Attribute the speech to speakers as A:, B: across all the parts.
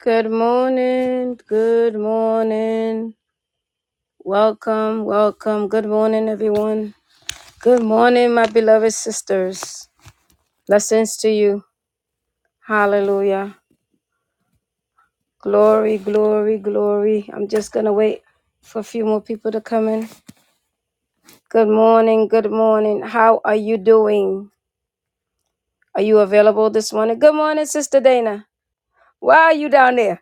A: Good morning. Good morning. Welcome. Welcome. Good morning, everyone. Good morning, my beloved sisters. Blessings to you. Hallelujah. Glory, glory, glory. I'm just going to wait for a few more people to come in. Good morning. Good morning. How are you doing? Are you available this morning? Good morning, Sister Dana. Why are you down there?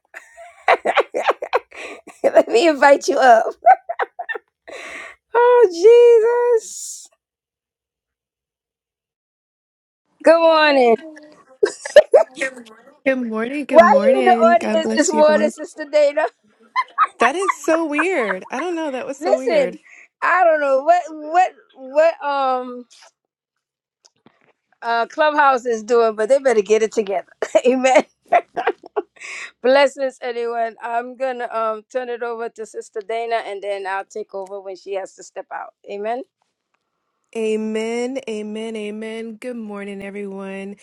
A: Let me invite you up. Oh, Jesus. Good
B: Good
A: morning.
B: morning. Good
A: Why you in the
B: morning. God
A: audience
B: bless
A: this
B: you,
A: morning,
B: everyone.
A: Sister Dana?
B: That is so weird. I don't know. That was so weird.
A: Listen, I don't know what what what um uh Clubhouse is doing, but they better get it together. Amen. Blessings, anyone. I'm gonna um turn it over to Sister Dana, and then I'll take over when she has to step out. Amen.
B: Amen. Amen. Amen. Good morning, everyone.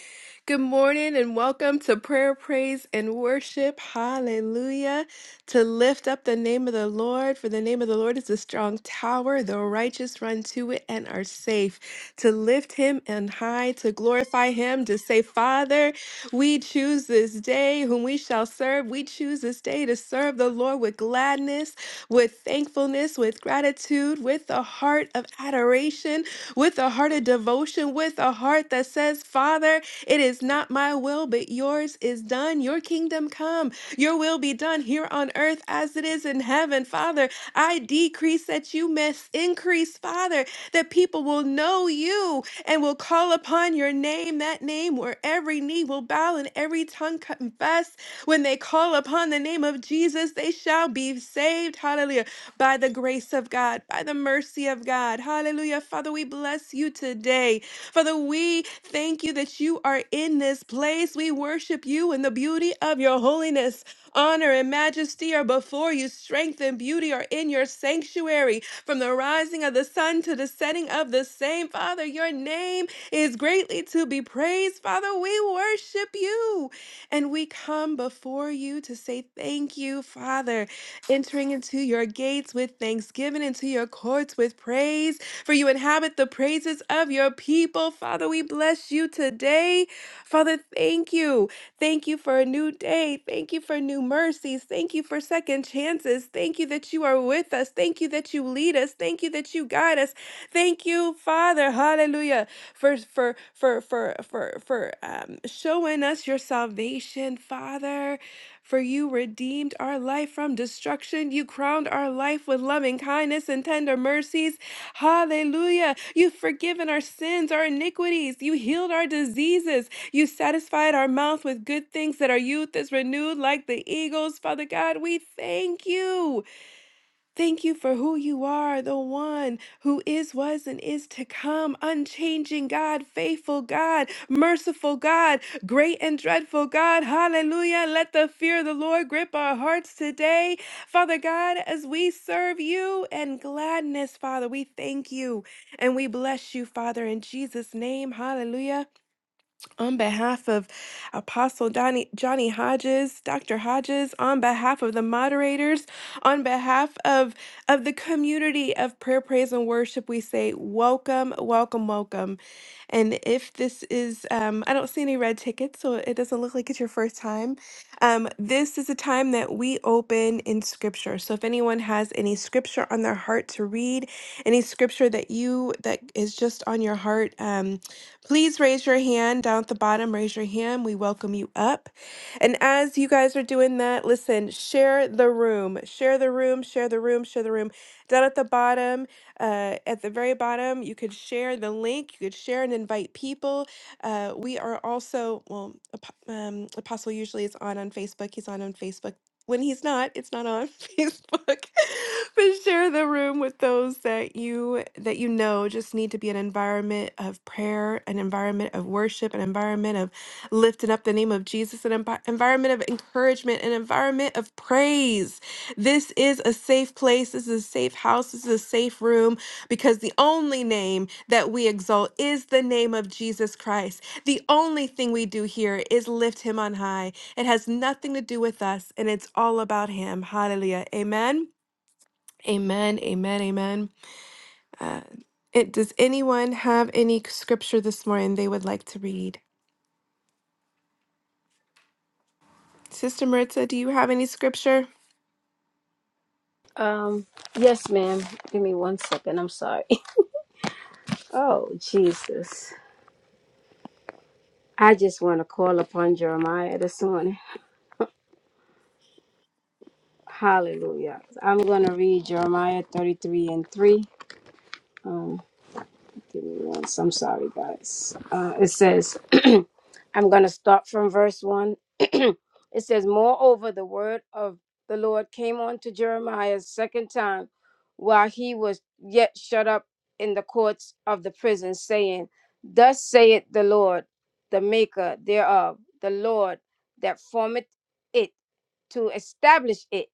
B: Good morning and welcome to prayer, praise, and worship. Hallelujah. To lift up the name of the Lord, for the name of the Lord is a strong tower. The righteous run to it and are safe. To lift him and high, to glorify him, to say, Father. We choose this day whom we shall serve. We choose this day to serve the Lord with gladness, with thankfulness, with gratitude, with a heart of adoration, with a heart of devotion, with a heart that says, Father, it is not my will, but yours is done. Your kingdom come. Your will be done here on earth as it is in heaven, Father. I decrease that you may increase, Father, that people will know you and will call upon your name, that name where every knee will bow and every tongue confess. When they call upon the name of Jesus, they shall be saved. Hallelujah. By the grace of God, by the mercy of God. Hallelujah. Father, we bless you today. Father, we thank you that you are in this place. We worship you in the beauty of your holiness. Honor and majesty are before you, strength and beauty are in your sanctuary. From the rising of the sun to the setting of the same, Father, your name is greatly to be praised. Father, we worship you and we come before you to say thank you, Father, entering into your gates with thanksgiving, into your courts with praise, for you inhabit the praises of your people. Father, we bless you today. Father, thank you. Thank you for a new day. Thank you for new mercies. Thank you for second chances. Thank you that you are with us. Thank you that you lead us. Thank you that you guide us. Thank you, Father. Hallelujah. For for for for for for um, showing us your salvation, Father. For you redeemed our life from destruction. You crowned our life with loving kindness and tender mercies. Hallelujah. You've forgiven our sins, our iniquities. You healed our diseases. You satisfied our mouth with good things that our youth is renewed like the eagles. Father God, we thank you. Thank you for who you are, the one who is, was, and is to come. Unchanging God, faithful God, merciful God, great and dreadful God. Hallelujah. Let the fear of the Lord grip our hearts today. Father God, as we serve you and gladness, Father, we thank you and we bless you, Father, in Jesus' name. Hallelujah. On behalf of Apostle Donnie, Johnny Hodges, Dr. Hodges, on behalf of the moderators, on behalf of, of the community of prayer, praise, and worship, we say welcome, welcome, welcome. And if this is, um, I don't see any red tickets, so it doesn't look like it's your first time. Um, this is a time that we open in scripture. So if anyone has any scripture on their heart to read, any scripture that you, that is just on your heart, um, Please raise your hand down at the bottom. Raise your hand. We welcome you up. And as you guys are doing that, listen, share the room. Share the room. Share the room. Share the room. Down at the bottom, uh, at the very bottom, you could share the link. You could share and invite people. Uh, we are also, well, Ap- um, Apostle usually is on on Facebook. He's on on Facebook when he's not, it's not on Facebook. but share the room with those that you that you know just need to be an environment of prayer, an environment of worship, an environment of lifting up the name of Jesus, an envi- environment of encouragement, an environment of praise. This is a safe place. This is a safe house. This is a safe room because the only name that we exalt is the name of Jesus Christ. The only thing we do here is lift him on high. It has nothing to do with us, and it's all about Him. Hallelujah. Amen. Amen. Amen. Amen. Uh, it, does anyone have any scripture this morning they would like to read? Sister Maritza, do you have any scripture?
A: Um. Yes, ma'am. Give me one second. I'm sorry. Oh Jesus. I just want to call upon Jeremiah this morning. Hallelujah. I'm going to read Jeremiah 33 and 3. Give me once. I'm sorry, guys. Uh, it says, I'm going to start from verse 1 it says, Moreover, the word of the Lord came on to Jeremiah a second time while he was yet shut up in the courts of the prison, saying, Thus saith the Lord, the maker thereof, the Lord that formeth it to establish it.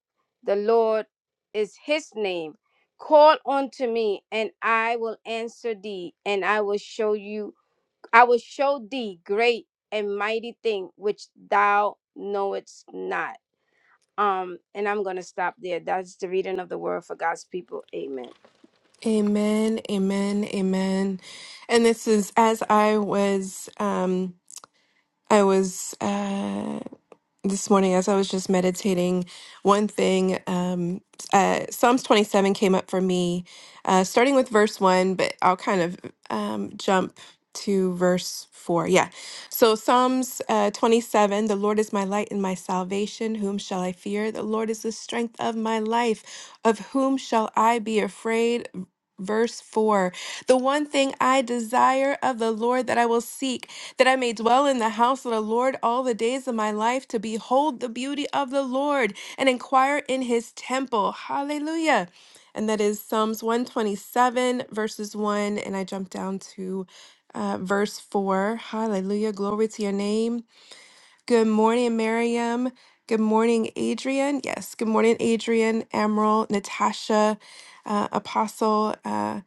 A: The Lord is his name. Call unto me, and I will answer thee, and I will show you I will show thee great and mighty thing which thou knowest not. Um, and I'm gonna stop there. That's the reading of the word for God's people. Amen.
B: Amen. Amen. Amen. And this is as I was, um, I was. uh this morning as I was just meditating, one thing, um, uh, Psalms 27 came up for me, uh, starting with verse 1, but I'll kind of um, jump to verse 4. Yeah. So, Psalms uh, 27 The Lord is my light and my salvation. Whom shall I fear? The Lord is the strength of my life. Of whom shall I be afraid? Verse 4 The one thing I desire of the Lord that I will seek that I may dwell in the house of the Lord all the days of my life to behold the beauty of the Lord and inquire in his temple. Hallelujah. And that is Psalms 127, verses 1. And I jump down to uh, verse 4. Hallelujah. Glory to your name. Good morning, Miriam. Good morning, Adrian. Yes, good morning, Adrian, Emerald, Natasha, uh, Apostle, uh,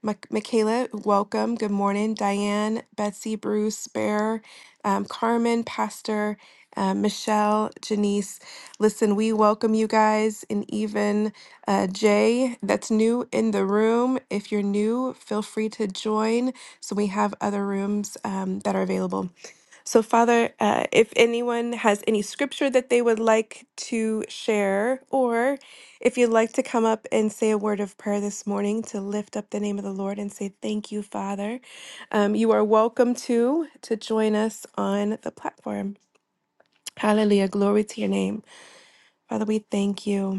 B: Mik- Michaela. Welcome. Good morning, Diane, Betsy, Bruce, Bear, um, Carmen, Pastor, uh, Michelle, Janice. Listen, we welcome you guys, and even uh, Jay, that's new in the room. If you're new, feel free to join. So we have other rooms um, that are available. So, Father, uh, if anyone has any scripture that they would like to share, or if you'd like to come up and say a word of prayer this morning to lift up the name of the Lord and say thank you, Father, um, you are welcome to to join us on the platform. Hallelujah, glory to your name, Father. We thank you.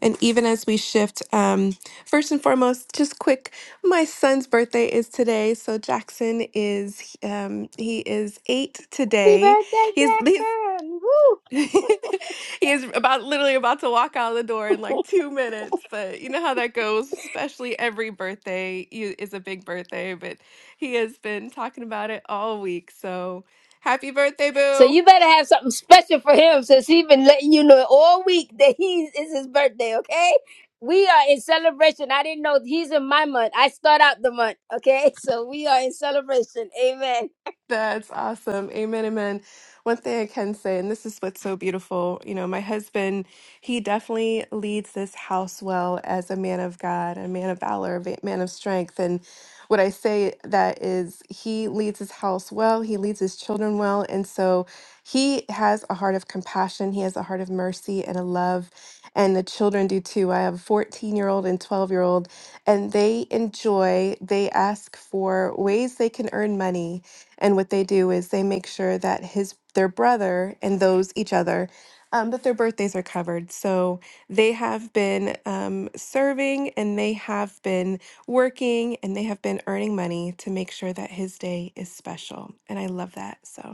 B: And even as we shift, um, first and foremost, just quick, my son's birthday is today. So Jackson is um, he is eight
A: Happy
B: today.
A: birthday,
B: He's he's
A: Jackson! Woo!
B: he is about literally about to walk out the door in like two minutes. But you know how that goes, especially every birthday you- is a big birthday. But he has been talking about it all week. So happy birthday,
A: So
B: boo!
A: you better have something special for him since he's been letting you know all week that he is his birthday. Okay, we are in celebration. I didn't know he's in my month. I start out the month. Okay, so we are in celebration. Amen.
B: That's awesome. Amen, amen. One thing I can say, and this is what's so beautiful, you know, my husband, he definitely leads this house well as a man of God, a man of valor, a man of strength. And what I say that is, he leads his house well, he leads his children well. And so he has a heart of compassion, he has a heart of mercy and a love. And the children do too. I have a 14 year old and 12 year old, and they enjoy, they ask for ways they can earn money and what they do is they make sure that his their brother and those each other um, that their birthdays are covered. So they have been um, serving and they have been working and they have been earning money to make sure that his day is special. And I love that. So.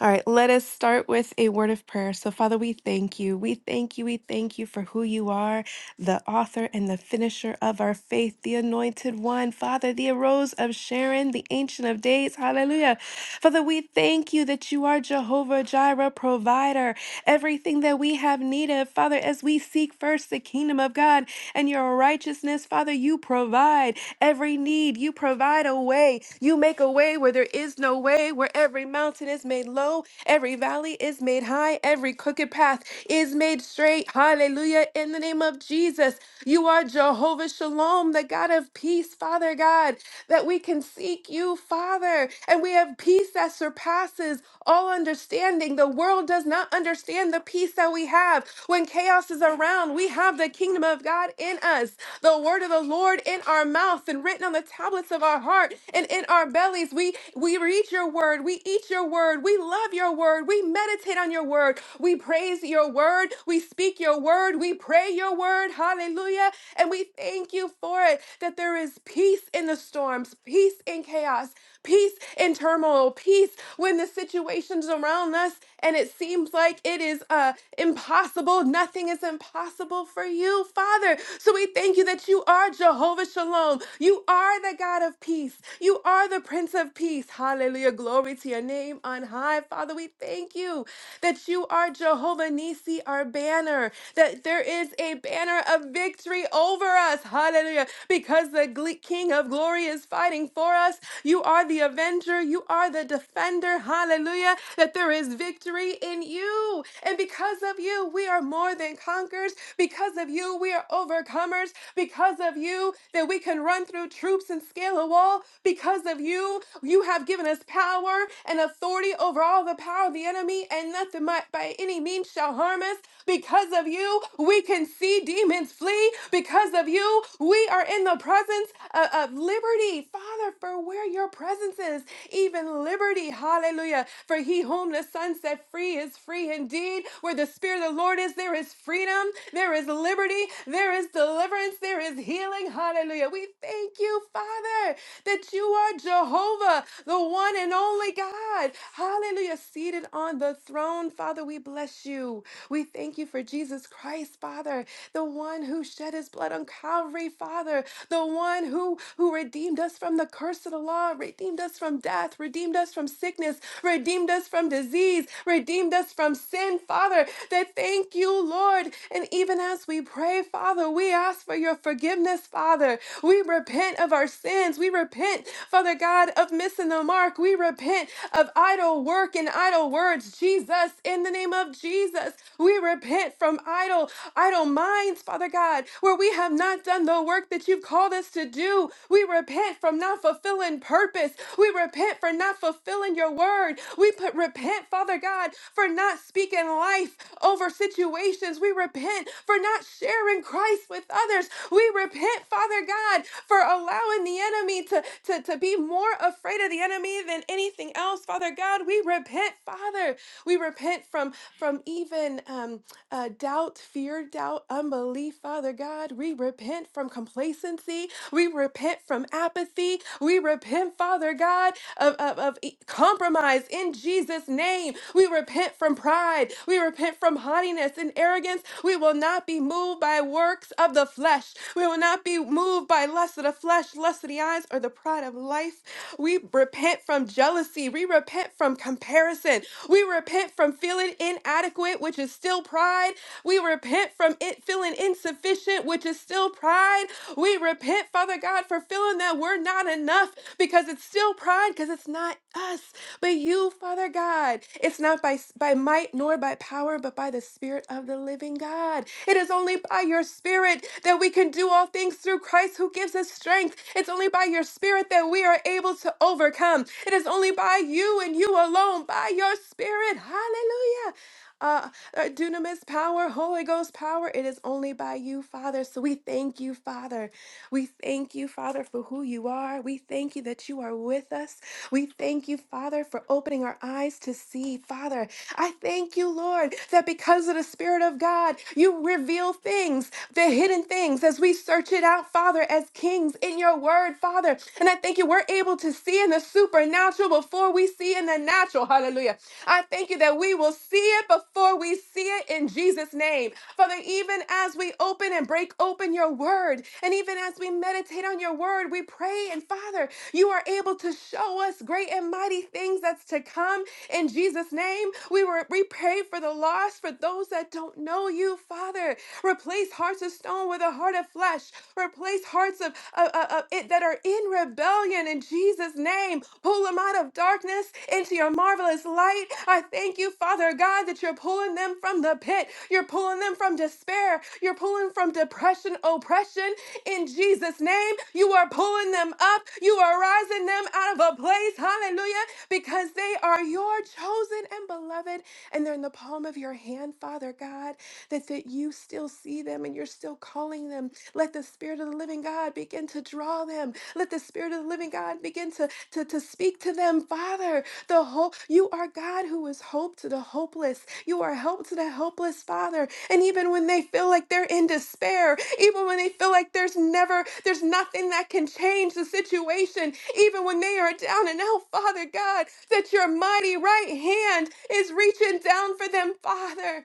B: All right, let us start with a word of prayer. So, Father, we thank you. We thank you. We thank you for who you are, the author and the finisher of our faith, the anointed one. Father, the arose of Sharon, the ancient of days. Hallelujah. Father, we thank you that you are Jehovah Jireh, provider, everything that we have need of. Father, as we seek first the kingdom of God and your righteousness, Father, you provide every need. You provide a way. You make a way way where there is no way, where every mountain is made low, every valley is made high, every crooked path is made straight. Hallelujah. In the name of Jesus, you are Jehovah Shalom, the God of peace, Father God, that we can seek you, Father, and we have peace that surpasses all understanding. The world does not understand the peace that we have. When chaos is around, we have the kingdom of God in us, the word of the Lord in our mouth, and been written on the tablets of our heart and in our bellies. We we read your word, we eat your word, we love your word, we meditate on your word, we praise your word, we speak your word, we pray your word. Hallelujah. And we thank you for it that there is peace in the storms, peace in chaos, peace in turmoil, peace when the situations around us and it seems like it is uh impossible. Nothing is impossible for you, Father. So we thank you that you are Jehovah Shalom. You are the God of peace. You are the Prince of Peace. Hallelujah. Glory to your name on high. Father, we thank you that you are Jehovah Nisi, our banner, that there is a banner of victory over us. Hallelujah. Because the gle- King of glory is fighting for us. You are the avenger. You are the defender. Hallelujah. That there is victory in you. And because of you, we are more more than conquerors. Because of you, we are overcomers. Because of you, that we can run through troops and scale a wall. Because of you, you have given us power and authority over all the power of the enemy, and nothing might by any means shall harm us. Because of you, we can see demons flee. Because of you, we are in the presence of, of liberty. Father, for where your presence is, even liberty. Hallelujah. For he whom the Son set set free is free indeed. Where the Spirit of the Lord is, there is freedom, there is liberty, there is deliverance, there is healing. Hallelujah. We thank you, Father, that you are Jehovah, the one and only God. Hallelujah. Seated on the throne, Father, we bless you. We thank you for Jesus Christ, Father, the one who shed his blood on Calvary, Father, the one who, who redeemed us from the curse of the law, redeemed us from death, redeemed us us from sickness, redeemed us from disease, redeemed us from sin, Father. That thank you, Lord. And even as we pray, Father, we ask for your forgiveness, Father. We repent of our sins. We repent, Father God, of missing the mark. We repent of idle work and idle words, Jesus, in the name of Jesus. We repent from idle, idle minds, Father God, where we have not done the work that you've called us to do. We repent from from not fulfilling purpose. We repent for not fulfilling your word. We put repent, Father God, for not speaking life over situations. We repent for not sharing Christ with others. We repent, Father God, for allowing the enemy to, to, to be more afraid of the enemy than anything else, Father God. We repent, Father. We repent from from even um, uh, doubt, fear, doubt, unbelief, Father God. We repent from from complacency. We repent from apathy. We repent, Father God, of, of, of e- compromise in Jesus' name. We repent from pride. We repent from haughtiness and arrogance. We will not be moved by works of the flesh. We will not be moved by lust of the flesh, lust of the eyes, or the pride of life. We repent from jealousy. We repent from comparison. We repent from feeling inadequate, which is still pride. We repent from from it feeling insufficient, which is still pride. We repent, Father God, for feeling that we're not enough because it's still pride, because it's not us, but you, Father God. It's not by, by might nor by power, but by the Spirit of the living God. It is only by your Spirit that we can do all things through Christ who gives us strength. It's only by your Spirit that we are able to overcome. It is only by you and you alone, by your Spirit. Hallelujah uh, uh, dunamis power, Holy Ghost power. It is only by you, Father. So we thank you, Father. We thank you, Father, for who you are. We thank you that you are with us. We thank you, Father, for opening our eyes to see. Father, I thank you, Lord, that because of the Spirit of God, you reveal things, the hidden things, as we search it out, Father, as kings in your word, Father. And I thank you, we're able to see in the supernatural before we see in the natural. Hallelujah. I thank you that we will see it before we see it in Jesus' name. Father, even as we open and break open your word, and even as we meditate on your word, we pray, and Father, you are able to show us great and mighty things that's to come in Jesus' name. We, were, we pray for the lost, for those that don't know you, Father. Replace hearts of stone with a heart of flesh. Replace hearts of, of, of- of it that are in rebellion in Jesus' name. Pull them out of darkness darkness into your marvelous light. I thank you, Father God, that you're pulling them from the pit. You're pulling them from despair. You're pulling from depression, oppression. In Jesus' name, you are pulling them up. You are rising them out of a place. Hallelujah. Because they are your chosen and beloved, and they're in the palm of your hand, Father God, that, that you still see them and you're still calling them. Let the Spirit of the living God begin to draw them. Let the Spirit of the living God begin to to, to speak to them, Father. The hope you are God who is hope to the hopeless. You are help to the helpless, Father. And even when they feel like they're in despair, even when they feel like there's never, there's nothing that can change the situation, even when they are down and out, Father God, that your mighty right hand is reaching down for them, Father.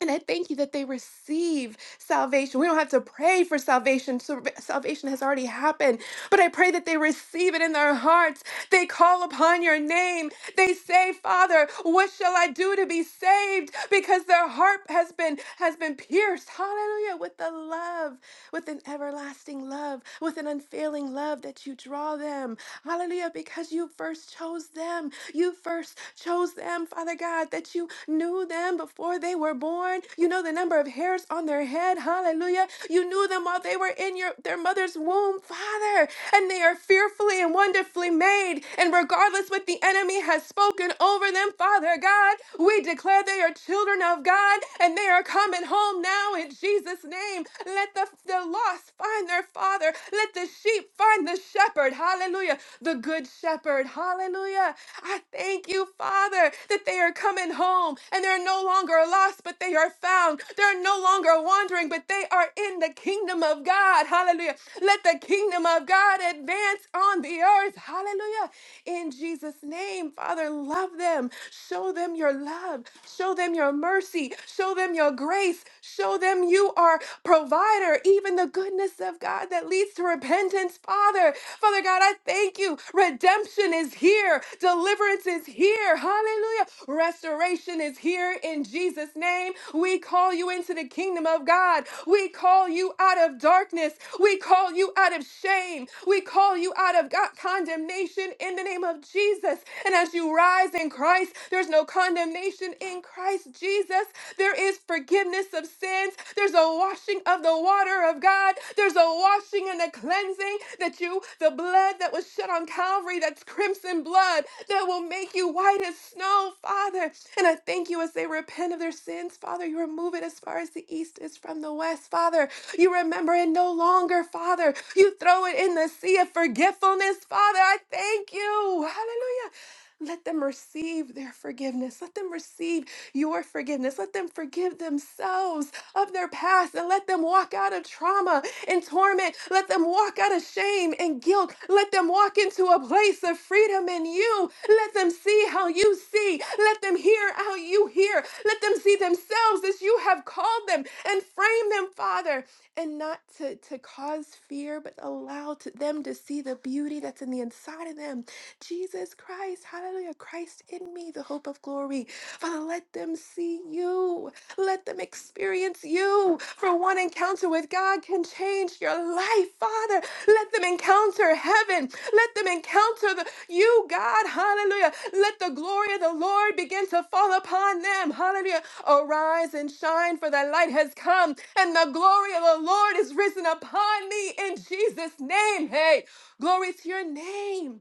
B: And I thank you that they receive salvation. We don't have to pray for salvation. so- Salvation has already happened. But I pray that they receive it in their hearts. They call upon your name. They say, "Father, what shall I do to be saved?" Because their heart has been has been pierced. Hallelujah, with the love with an everlasting love, with an unfailing love that you draw them. Hallelujah, because you first chose them. You first chose them, Father God, that you knew them before they were born. You know the number of hairs on their head. Hallelujah. You knew them while they were in your their mother's womb, Father. And they are fearfully and wonderfully made. And regardless what the enemy has spoken over them, Father God, we declare they are children of God and they are coming home now now in Jesus' name. Let the, the lost find their father. Let the sheep find the shepherd. Hallelujah. The good shepherd. Hallelujah. I thank you, Father, that they are coming home and they're no longer lost, but they are found. They're no longer wandering, but they are in the kingdom of God. Hallelujah. Let the kingdom of God advance on the earth. Hallelujah. In Jesus' name, Father, love them. Show them your love. Show them your mercy mercy. Show them your grace. Show them you are provider, even the goodness of God that leads to repentance, Father. Father God, I thank you. Redemption is here. Deliverance is here. Hallelujah. Restoration is here in Jesus' name. We call you into the kingdom of God. We call you out of darkness. We call you out of shame. We call you out of God condemnation in the name of Jesus. And as you rise in Christ, there's no no condemnation in Christ Jesus. There is forgiveness of sins. There's a washing of the water of God. There's a washing and a cleansing that you, the blood that was shed on Calvary, that's crimson blood, that will make you white as snow, Father. And I thank you as they repent of their sins, Father. You remove it as far as the east is from the west, Father. You remember it no longer, Father. You throw it in the sea of forgetfulness, Father. I thank you. Hallelujah. Let them receive their forgiveness. Let them receive your forgiveness. Let them forgive themselves of their past and let them walk out of trauma and torment. Let them walk out of shame and guilt. Let them walk into a place of freedom in you. Let them see how you see. Let them hear how you hear. Let them see themselves as you have called them and frame them, Father, and not to, to cause fear, but allow to them to see the beauty that's in the inside of them Jesus Christ, hallelujah, Christ in me, the hope of glory. Father, let them see you. Let them experience you. For one encounter with God can change your life, Father. Let them encounter heaven. Let them encounter the, you, God. Hallelujah. Let the glory of the Lord begin to fall upon them. Hallelujah. Arise and shine, for thy light has come, and the glory of the Lord is risen upon me in Jesus' name. Hey, glory to your name.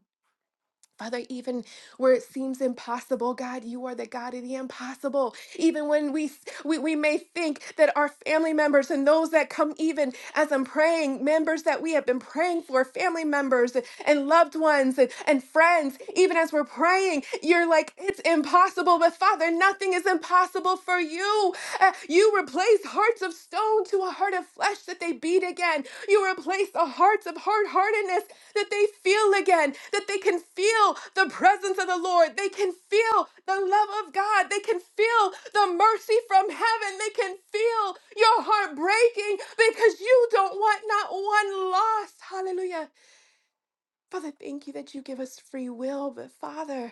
B: Father, even where it seems impossible, God, you are the God of the impossible. Even when we, we we may think that our family members and those that come even as I'm praying, members that we have been praying for, family members and loved ones and, and friends, even as we're praying, you're like, it's impossible. But Father, nothing is impossible for you. Uh, you replace hearts of stone to a heart of flesh that they beat again. You replace the hearts of hard heartedness that they feel again, that they can feel the presence of the Lord. They can feel the love of God. They can feel the mercy from heaven. They can feel your heart breaking because you don't want not one lost. Hallelujah. Father, thank you that you give us free will, but Father,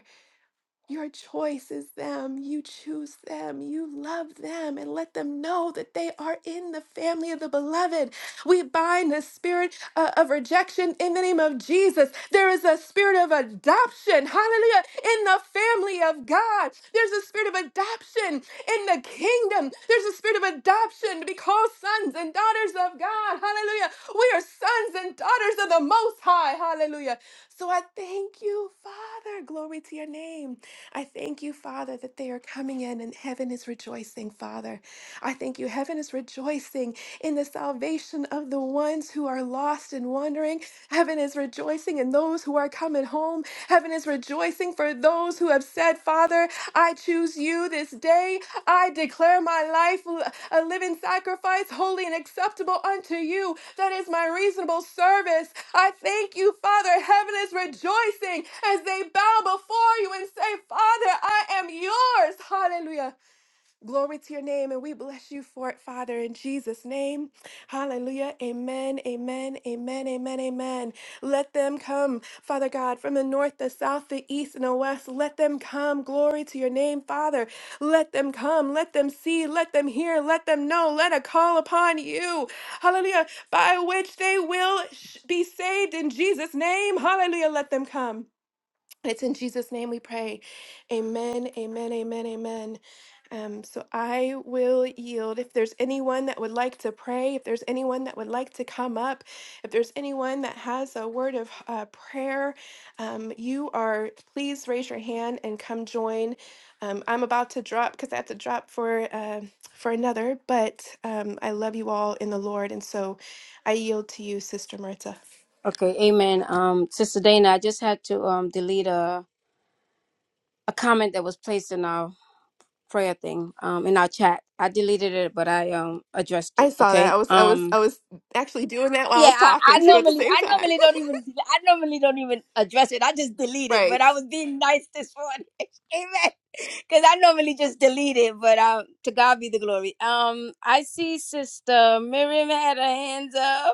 B: your choice is them. You choose them. You love them and let them know that they are in the family of the beloved. We bind the spirit uh, of rejection in the name of Jesus. There is a spirit of adoption, hallelujah, in the family of God. There's a spirit of adoption in the kingdom. There's a spirit of adoption to be called sons and daughters of God, hallelujah. We are sons and daughters of the Most High, hallelujah. So I thank you, Father. Glory to your name. I thank you, Father, that they are coming in and heaven is rejoicing, Father. I thank you, Heaven is rejoicing in the salvation of the ones who are lost and wandering. Heaven is rejoicing in those who are coming home. Heaven is rejoicing for those who have said, Father, I choose you this day. I declare my life l- a living sacrifice, holy and acceptable unto you. That is my reasonable service. I thank you, Father. Heaven is rejoicing as they bow before you and say, Father, I am yours. Hallelujah. Glory to your name, and we bless you for it, Father, in Jesus' name. Hallelujah. Amen, amen, amen, amen, amen. Let them come, Father God, from the north, the south, the east, and the west. Let them come. Glory to your name, Father. Let them come. Let them see. Let them hear. Let them know. Let a call upon you. Hallelujah. By which they will sh- be saved in Jesus' name. Hallelujah. Let them come. It's in Jesus' name we pray. Amen, amen, amen, amen. Um, so I will yield. If there's anyone that would like to pray, if there's anyone that would like to come up, if there's anyone that has a word of uh, prayer, um, you are, please raise your hand and come join. Um, I'm about to drop because I have to drop for uh, for another, but um, I love you all in the Lord, and so I yield to you, Sister Marta.
A: Okay, amen. Um, Sister Dana, I just had to um delete a. a comment that was placed in our prayer thing um in our chat i deleted it but i um addressed
B: I
A: it
B: saw that. I
A: okay
B: was I was
A: um
B: I was actually doing that while I
A: yeah
B: was
A: i, I
B: talking too at the
A: normally
B: same
A: i
B: time.
A: normally don't even i normally don't even address it i just delete it
B: Right.
A: but i was being nice this morning amen because i normally just delete it but um to god be the glory um i see sister miriam had her hands up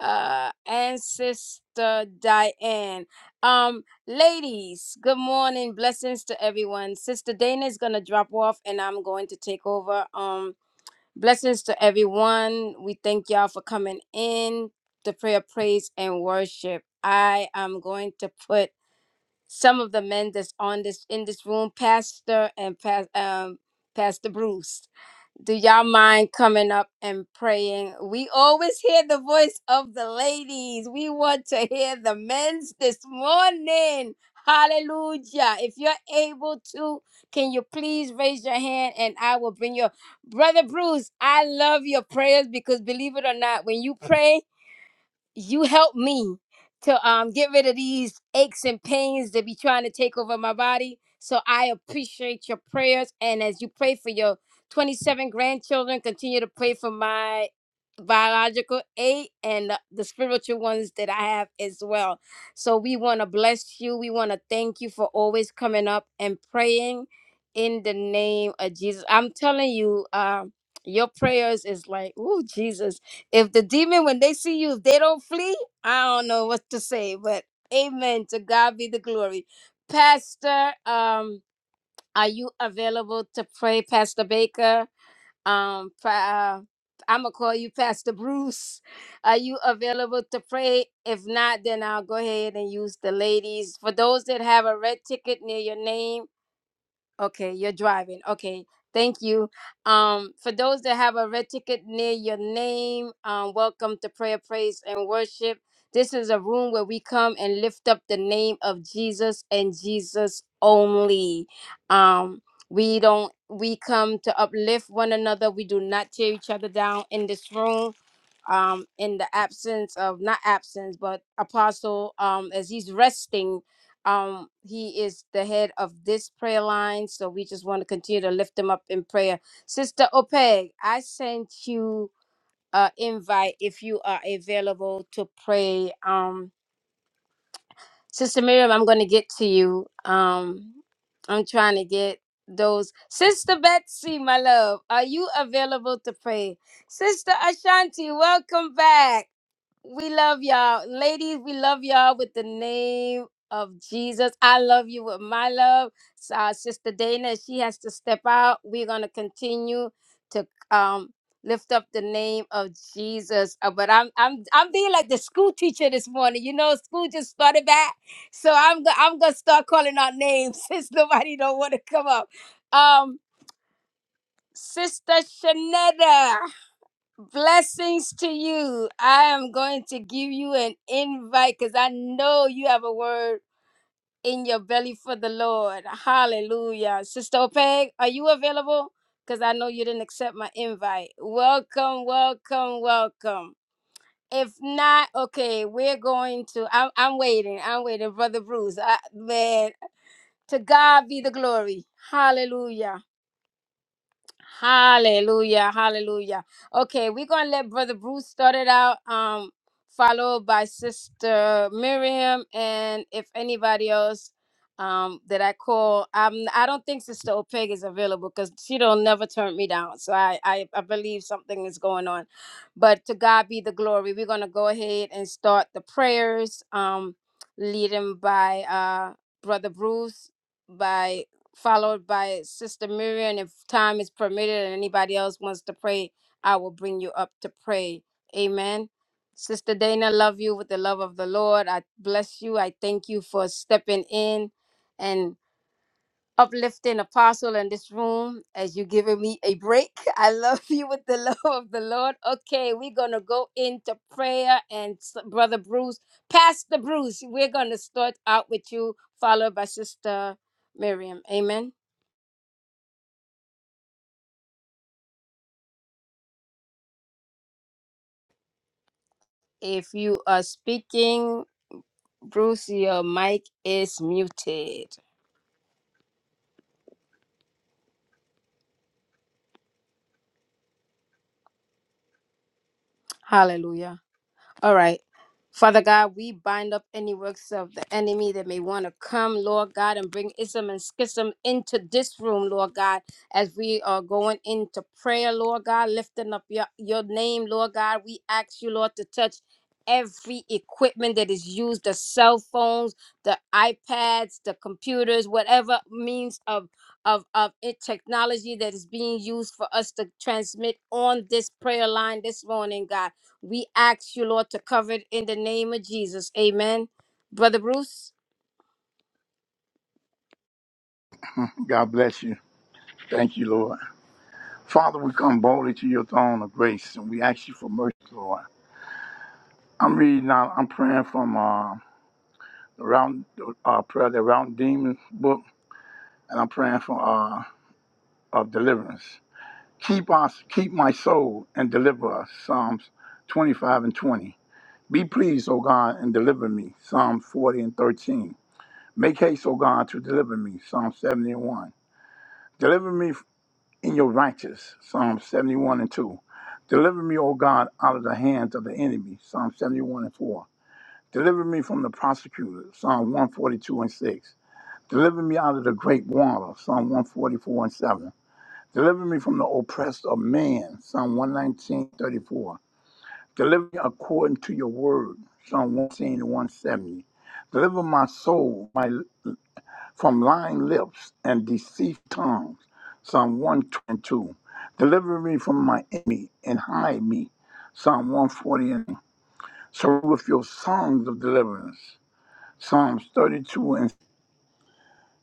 A: uh and sister diane um ladies good morning blessings to everyone sister dana is gonna drop off and i'm going to take over um blessings to everyone we thank y'all for coming in the prayer praise and worship i am going to put some of the men that's on this in this room, Pastor and Pas- um, Pastor Bruce. Do y'all mind coming up and praying? We always hear the voice of the ladies. We want to hear the men's this morning. Hallelujah. If you're able to, can you please raise your hand and I will bring your brother Bruce. I love your prayers because believe it or not, when you pray you help me to um get rid of these aches and pains that be trying to take over my body. So I appreciate your prayers and as you pray for your 27 grandchildren, continue to pray for my biological eight and the the spiritual ones that I have as well. So we want to bless you. We want to thank you for always coming up and praying in the name of Jesus. I'm telling you, um your prayers is like, oh Jesus if the demon when they see you if they don't flee i don't know what to say but amen to god be the glory pastor um are you available to pray pastor baker um pa- uh, i'm gonna call you pastor bruce are you available to pray if not then i'll go ahead and use the ladies for those that have a red ticket near your name Okay, you're driving. Okay, thank you. Um, for those that have a red ticket near your name, um, welcome to prayer, praise, and worship. This is a room where we come and lift up the name of Jesus and Jesus only. Um, we don't. We come to uplift one another. We do not tear each other down in this room. Um, in the absence of not absence, but Apostle, um, as he's resting um, he is the head of this prayer line, so we just want to continue to lift him up in prayer. Sister Opeg, I sent you an invite if you are available to pray. Um, Sister Miriam, I'm going to get to you. Um, I'm trying to get those. Sister Betsy, my love, are you available to pray? Sister Ashanti, welcome back. We love y'all. Ladies, we love y'all with the name of Jesus. I love you with my love. So, uh, Sister Dana, she has to step out. We're going to continue to um, lift up the name of Jesus. Uh, but I'm I'm I'm being like the school teacher this morning. You know, school just started back. So I'm go- I'm going to start calling out names since nobody don't want to come up. Um Sister Shanetta. Blessings to you. I am going to give you an invite because I know you have a word in your belly for the Lord. Hallelujah. Sister Opeg, are you available? Because I know you didn't accept my invite. Welcome, welcome, welcome. If not, okay, we're going to. I'm, I'm waiting. I'm waiting, Brother Bruce. I, man, to God be the glory. Hallelujah. Hallelujah. Hallelujah. Okay, we're gonna let Brother Bruce start it out. Um, followed by Sister Miriam, and if anybody else um that I call, um I don't think Sister Opeg is available because she don't never turn me down. So I, I I believe something is going on. But to God be the glory. We're gonna go ahead and start the prayers. Um leading by uh Brother Bruce, by followed by Sister Miriam. If time is permitted and anybody else wants to pray, I will bring you up to pray. Amen. Sister Dana, love you with the love of the Lord. I bless you. I thank you for stepping in and uplifting apostle in this room as you giving me a break. I love you with the love of the Lord. Okay, we're gonna go into prayer and s- brother Bruce, Pastor Bruce, we're gonna start out with you, followed by Sister Miriam. Amen. If you are speaking, Bruce, your mic is muted. Hallelujah. All right. Father God, we bind up any works of the enemy that may want to come, Lord God, and bring ism and schism into this room, Lord God, as we are going into prayer, Lord God, lifting up your, your name, Lord God. We ask you, Lord, to touch every equipment that is used the cell phones, the iPads, the computers, whatever means of of, of it, technology that is being used for us to transmit on this prayer line this morning, God. We ask you, Lord, to cover it in the name of Jesus. Amen. Brother Bruce,
C: God bless you. Thank you, Lord. Father, we come boldly to your throne of grace and we ask you for mercy, Lord. I'm reading out, I'm praying from uh, the round uh, prayer, the round demons book, and I'm praying for uh, of deliverance. Keep us, keep my soul and deliver us. Psalms 25 and 20. Be pleased, O God, and deliver me. Psalms 40 and 13. Make haste, O God, to deliver me. Psalm 71. Deliver me in your righteous. Psalm 71 and 2. Deliver me, O God, out of the hands of the enemy. Psalm 71 and 4. Deliver me from the prosecutor. Psalm 142 and 6. Deliver me out of the great water. Psalm 144 and 7. Deliver me from the oppressed of man. Psalm 119:34. Deliver me according to your word. Psalm 110 and 170. Deliver my soul, my from lying lips and deceitful tongues. Psalm 122. Deliver me from my enemy and hide me. Psalm 140. Surround with your songs of deliverance. Psalms 32 and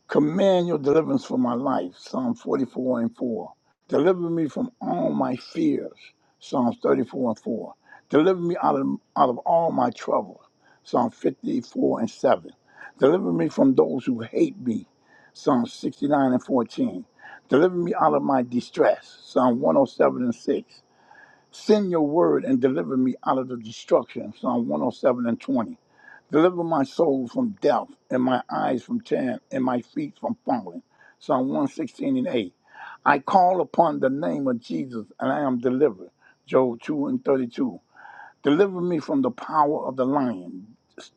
C: Command your deliverance for my life, Psalm 44 and 4. Deliver me from all my fears, Psalms 34 and 4. Deliver me out of, out of all my trouble, Psalm 54 and 7. Deliver me from those who hate me, Psalm 69 and 14. Deliver me out of my distress, Psalm 107 and 6. Send your word and deliver me out of the destruction. Psalm 107 and 20. Deliver my soul from death, and my eyes from tearing, and my feet from falling. Psalm 116 and 8. I call upon the name of Jesus, and I am delivered. Job 2 and 32. Deliver me from the power of the lion.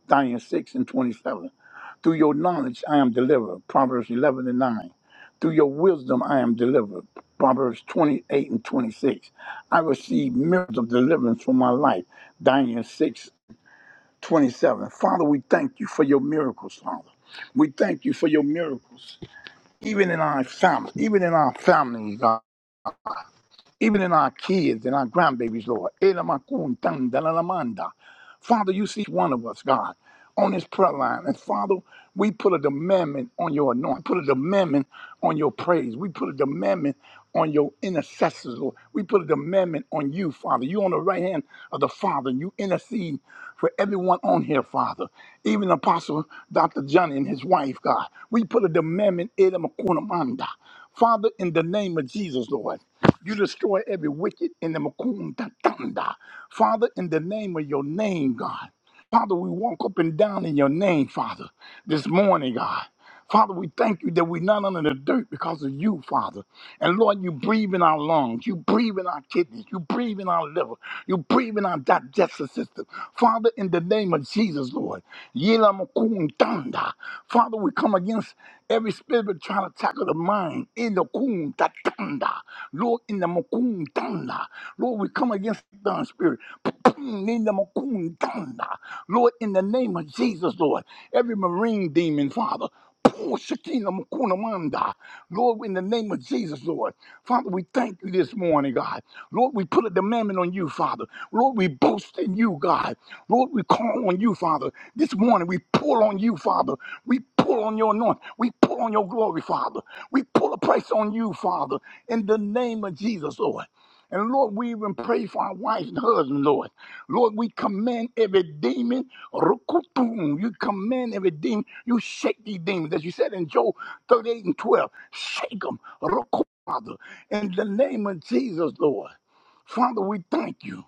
C: Daniel 6 and 27. Through your knowledge I am delivered. Proverbs 11 and 9. Through your wisdom I am delivered. Proverbs 28 and 26. I receive miracles of deliverance for my life. Daniel 6 27. Father, we thank you for your miracles, Father. We thank you for your miracles, even in our family, even in our families, God even in our kids and our grandbabies, Lord. Father, you see each one of us, God, on this prayer line. And Father, we put a demandment on your anointing. Put a demandment on your praise. We put a demandment on your intercessors, Lord. We put a demandment on you, Father. You on the right hand of the Father, and you intercede for everyone on here, Father. Even Apostle Dr. Johnny and his wife, God. We put a demandment in them, Makunamanda. Father, in the name of Jesus, Lord, you destroy every wicked in the Makunda Tanda. Father, in the name of your name, God. Father, we walk up and down in your name, Father this morning, God. Father, we thank you that we're not under the dirt because of you, Father. And Lord, you breathe in our lungs, you breathe in our kidneys, you breathe in our liver, you breathe in our digestive system. Father, in the name of Jesus, Lord, Yelamukundanda. Father, we come against every spirit that trying to tackle the mind in the kundatanda. Lord, in the mukundanda. Lord, we come against the spirit. In the mukundanda. Lord, in the name of Jesus, Lord every marine demon, Father. Pull Shekinah Mukuna Manda. Lord, in the name of Jesus, Lord. Father, we thank you this morning, God. Lord, we put a demand on you, Father. Lord, we boast in you, God. Lord, we call on you, Father. This morning, we pull on you, Father. We pull on your anointing. We pull on your glory, Father. We pull a price on you, Father, in the name of Jesus, Lord. And Lord, we even pray for our wives and husbands, Lord. Lord, we command every demon. Rukutum, You command every demon. You shake these demons. As you said in Job 38 and 12, shake them. Rukutum, Father, in the name of Jesus, Lord. Father, we thank you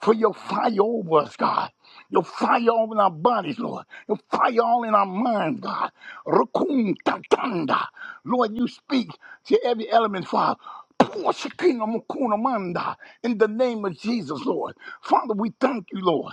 C: for your fire over us, God. Your fire all in our bodies, Lord. Your fire all in our minds, God. Rukun tatanda. Lord, you speak to every element, Father. Pour Shekinah mukuna manda In the name of Jesus, Lord. Father, we thank you, Lord.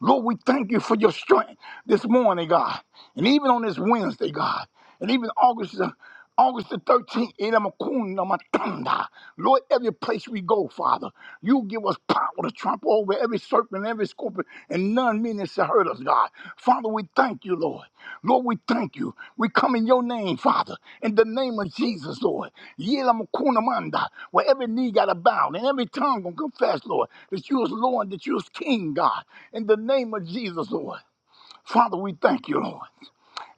C: Lord, we thank you for your strength this morning, God. And even on this Wednesday, God. And even August the August the 13th, in Amakuna Matanda. Lord, every place we go, Father, you give us power to trample over every serpent, every scorpion, and none meaning to hurt us, God. Father, we thank you, Lord. Lord, we thank you. We come in your name, Father, in the name of Jesus, Lord. Yelamukunamanda, Where every knee got to bow and every tongue gonna confess, Lord, that you is Lord, that you is King, God, in the name of Jesus, Lord. Father, we thank you, Lord.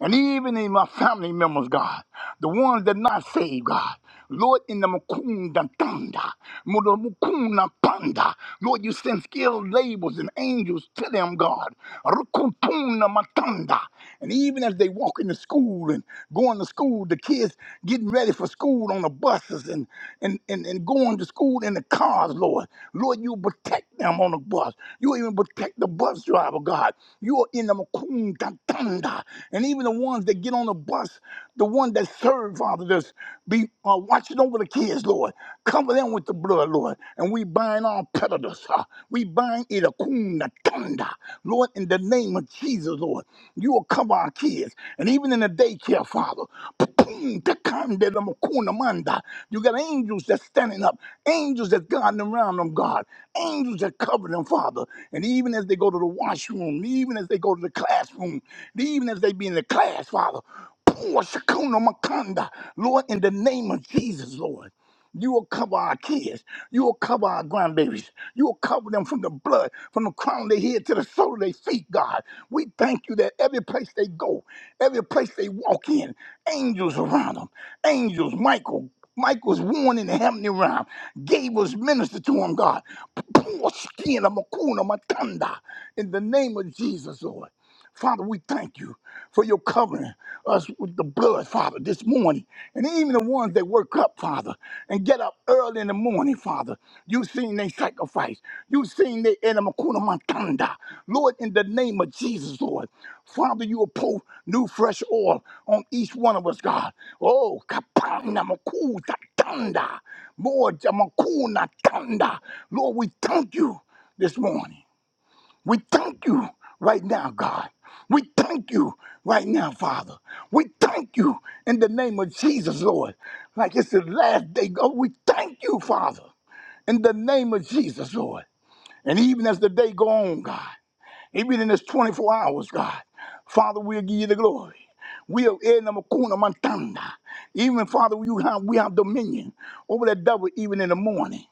C: And even in my family members, God, the ones that not saved, God, Lord, in the mukunda tanda, muda mukunda, panda, Lord, you send skilled labels and angels to them, God, rukupuna matanda. And even as they walk into school and going to school, the kids getting ready for school on the buses and and and, and going to school food in the cars, Lord. Lord, you protect them on the bus. You even protect the bus driver, God. You are in the Makun Tantanda. And even the ones that get on the bus, the ones that serve, Father, that's be uh, watching over the kids, Lord. Cover them with the blood, Lord. And we bind all predators. huh? We bind it Akun Tanda. Lord, in the name of Jesus, Lord. Lord. You will cover our kids. And even in the daycare, Father, you got angels that's standing up, angels that's guarding around them, God, angels that cover them, Father. And even as they go to the washroom, even as they go to the classroom, even as they be in the class, Father, Lord, in the name of Jesus, Lord. You will cover our kids. You will cover our grandbabies. You will cover them from the blood, from the crown of their head to the sole of their feet, God. We thank you that every place they go, every place they walk in, angels around them, angels, Michael. Michael's worn in the heavenly realm. Gabriel's ministered to him, God. Poor skin of Makuna Matanda. In the name of Jesus, Lord. Father, we thank you for your covering us with the blood, Father, this morning. And even the ones that work up, Father and get up early in the morning, Father. you seen their sacrifice. you seen their enamakuna mantanda. Lord, in the name of Jesus, Lord. Father, you will pour new fresh oil on each one of us, God. Oh, kapana makuta tanda. More jamakuna tanda. Lord, we thank you this morning. We thank you right now, God. We thank you right now, Father. We thank you in the name of Jesus, Lord. Like it's the last day, God. We thank you, Father, in the name of Jesus, Lord. And even as the day go on, God, even in this 24 hours, God, Father, we'll give you the glory. We are in the Makuna Montana. Even Father, you have, we have dominion over that devil even in the morning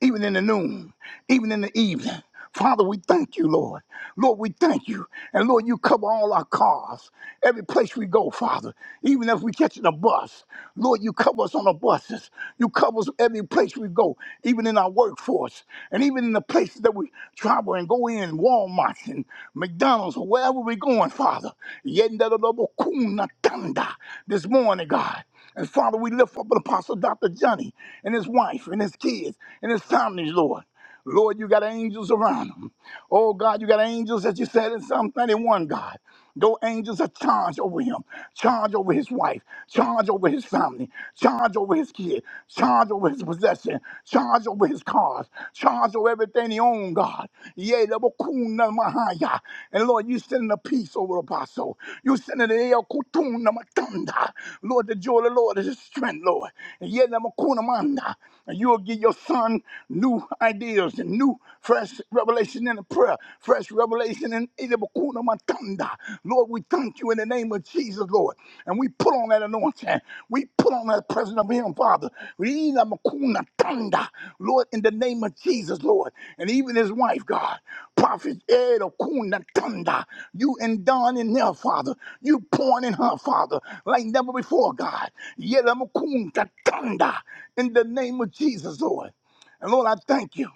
C: even in the noon, even in the evening. Father, we thank you, Lord. Lord, we thank you. And Lord, you cover all our cars, every place we go, Father. Even if we catch in a bus, Lord, you cover us on the buses. You cover us every place we go, even in our workforce, and even in the places that we travel and go in, Walmart and McDonald's, or wherever we're going, Father. Yendadadabakuna tanda. This morning, God. And Father, we lift up Apostle Dr. Johnny and his wife and his kids and his families, Lord. Lord, you got angels around them. Oh God, you got angels, as you said in Psalm 91, God. Those angels are charged over him, charged over his wife, charged over his family, charged over his kid, charged over his possession, charged over his cars, charged over everything he owns on, God. Yea, the Bokuna Mahaya. And Lord, you send the peace over the apostle. You send the El Kutuna Matanda. Lord, the joy of the Lord is his strength, Lord. And yea, double Makuna Manda. And you'll give your son new ideas and new fresh revelation in the prayer, fresh revelation in eh, the Bokuna Matanda. Lord, we thank you in the name of Jesus. Jesus, Lord. And we put on that anointing. We put on that presence of Him, Father. Rina makuna tanda, Lord, in the name of Jesus, Lord. And even His wife, God, Prophet Ed Okuna Tanda, you and Don in there, Father. You pouring in her, Father, like never before, God. Yela makuna tanda, In the name of Jesus, Lord. And Lord, I thank you.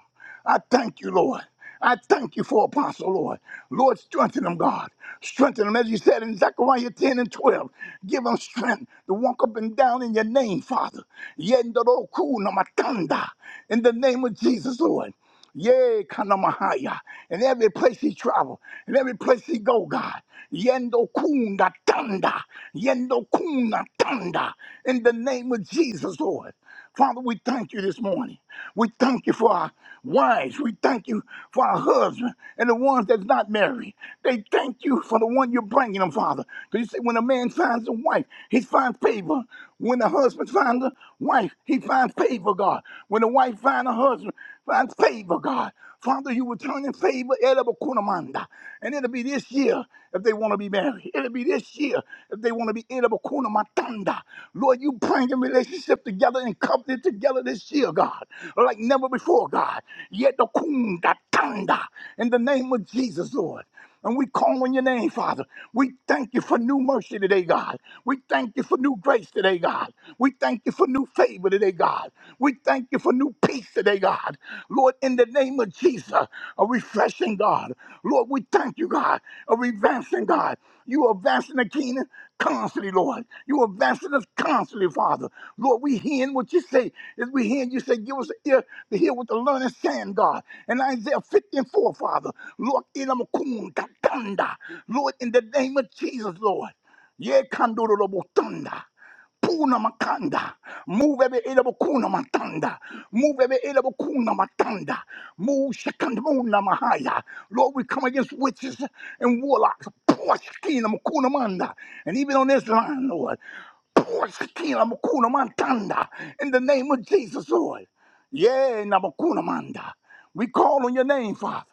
C: I thank you, Lord. I thank you for Apostle, Lord. Lord, strengthen them, God. Strengthen them, as you said in Zechariah 10 and 12. Give them strength to walk up and down in your name, Father. Yendoroku namatanda. In the name of Jesus, Lord. Yea, Kanamahaya. In every place he travel, in every place he go, God. Yendo kunda tanda. Yendo kunda tanda. In the name of Jesus, Lord. Father, we thank you this morning. We thank you for our wives. We thank you for our husbands and the ones that's not married. They thank you for the one you're bringing them, Father. Because you say when a man finds a wife, he finds favor. When the husband finds a wife, he finds favor, God. When the wife finds a husband, finds favor, God. Father, you will turn in favor, Elaba Kunamanda. And it'll be this year if they want to be married. It'll be this year if they want to be Elaba Kunamatanda. Lord, you bring a relationship together and covenant together this year, God, like never before, God. Yet the Kundatanda. In the name of Jesus, Lord. And we call on your name, Father. We thank you for new mercy today, God. We thank you for new grace today, God. We thank you for new favor today, God. We thank you for new peace today, God. Lord, in the name of Jesus, a refreshing God. Lord, we thank you, God, a advancing God. You are advancing the kingdom, constantly, Lord. You are advancing us constantly, Father. Lord, we hearing what you say. As we hearing you say, give us an ear to hear what the learned saying, God. And Isaiah 54, Father. Lord, inamakun katanda. Lord, in the name of Jesus, Lord. Yeah, kandorobotanda. Puna makanda. Move every elbow kuna matanda. Move every elbow kuna matanda. Move second moon mahaya. Lord, we come against witches and warlocks. Poor skin makuna manda. And even on this line, Lord. Poor skin makuna matanda. In the name of Jesus, Lord. Yeah, namakuna manda. We call on your name, Father.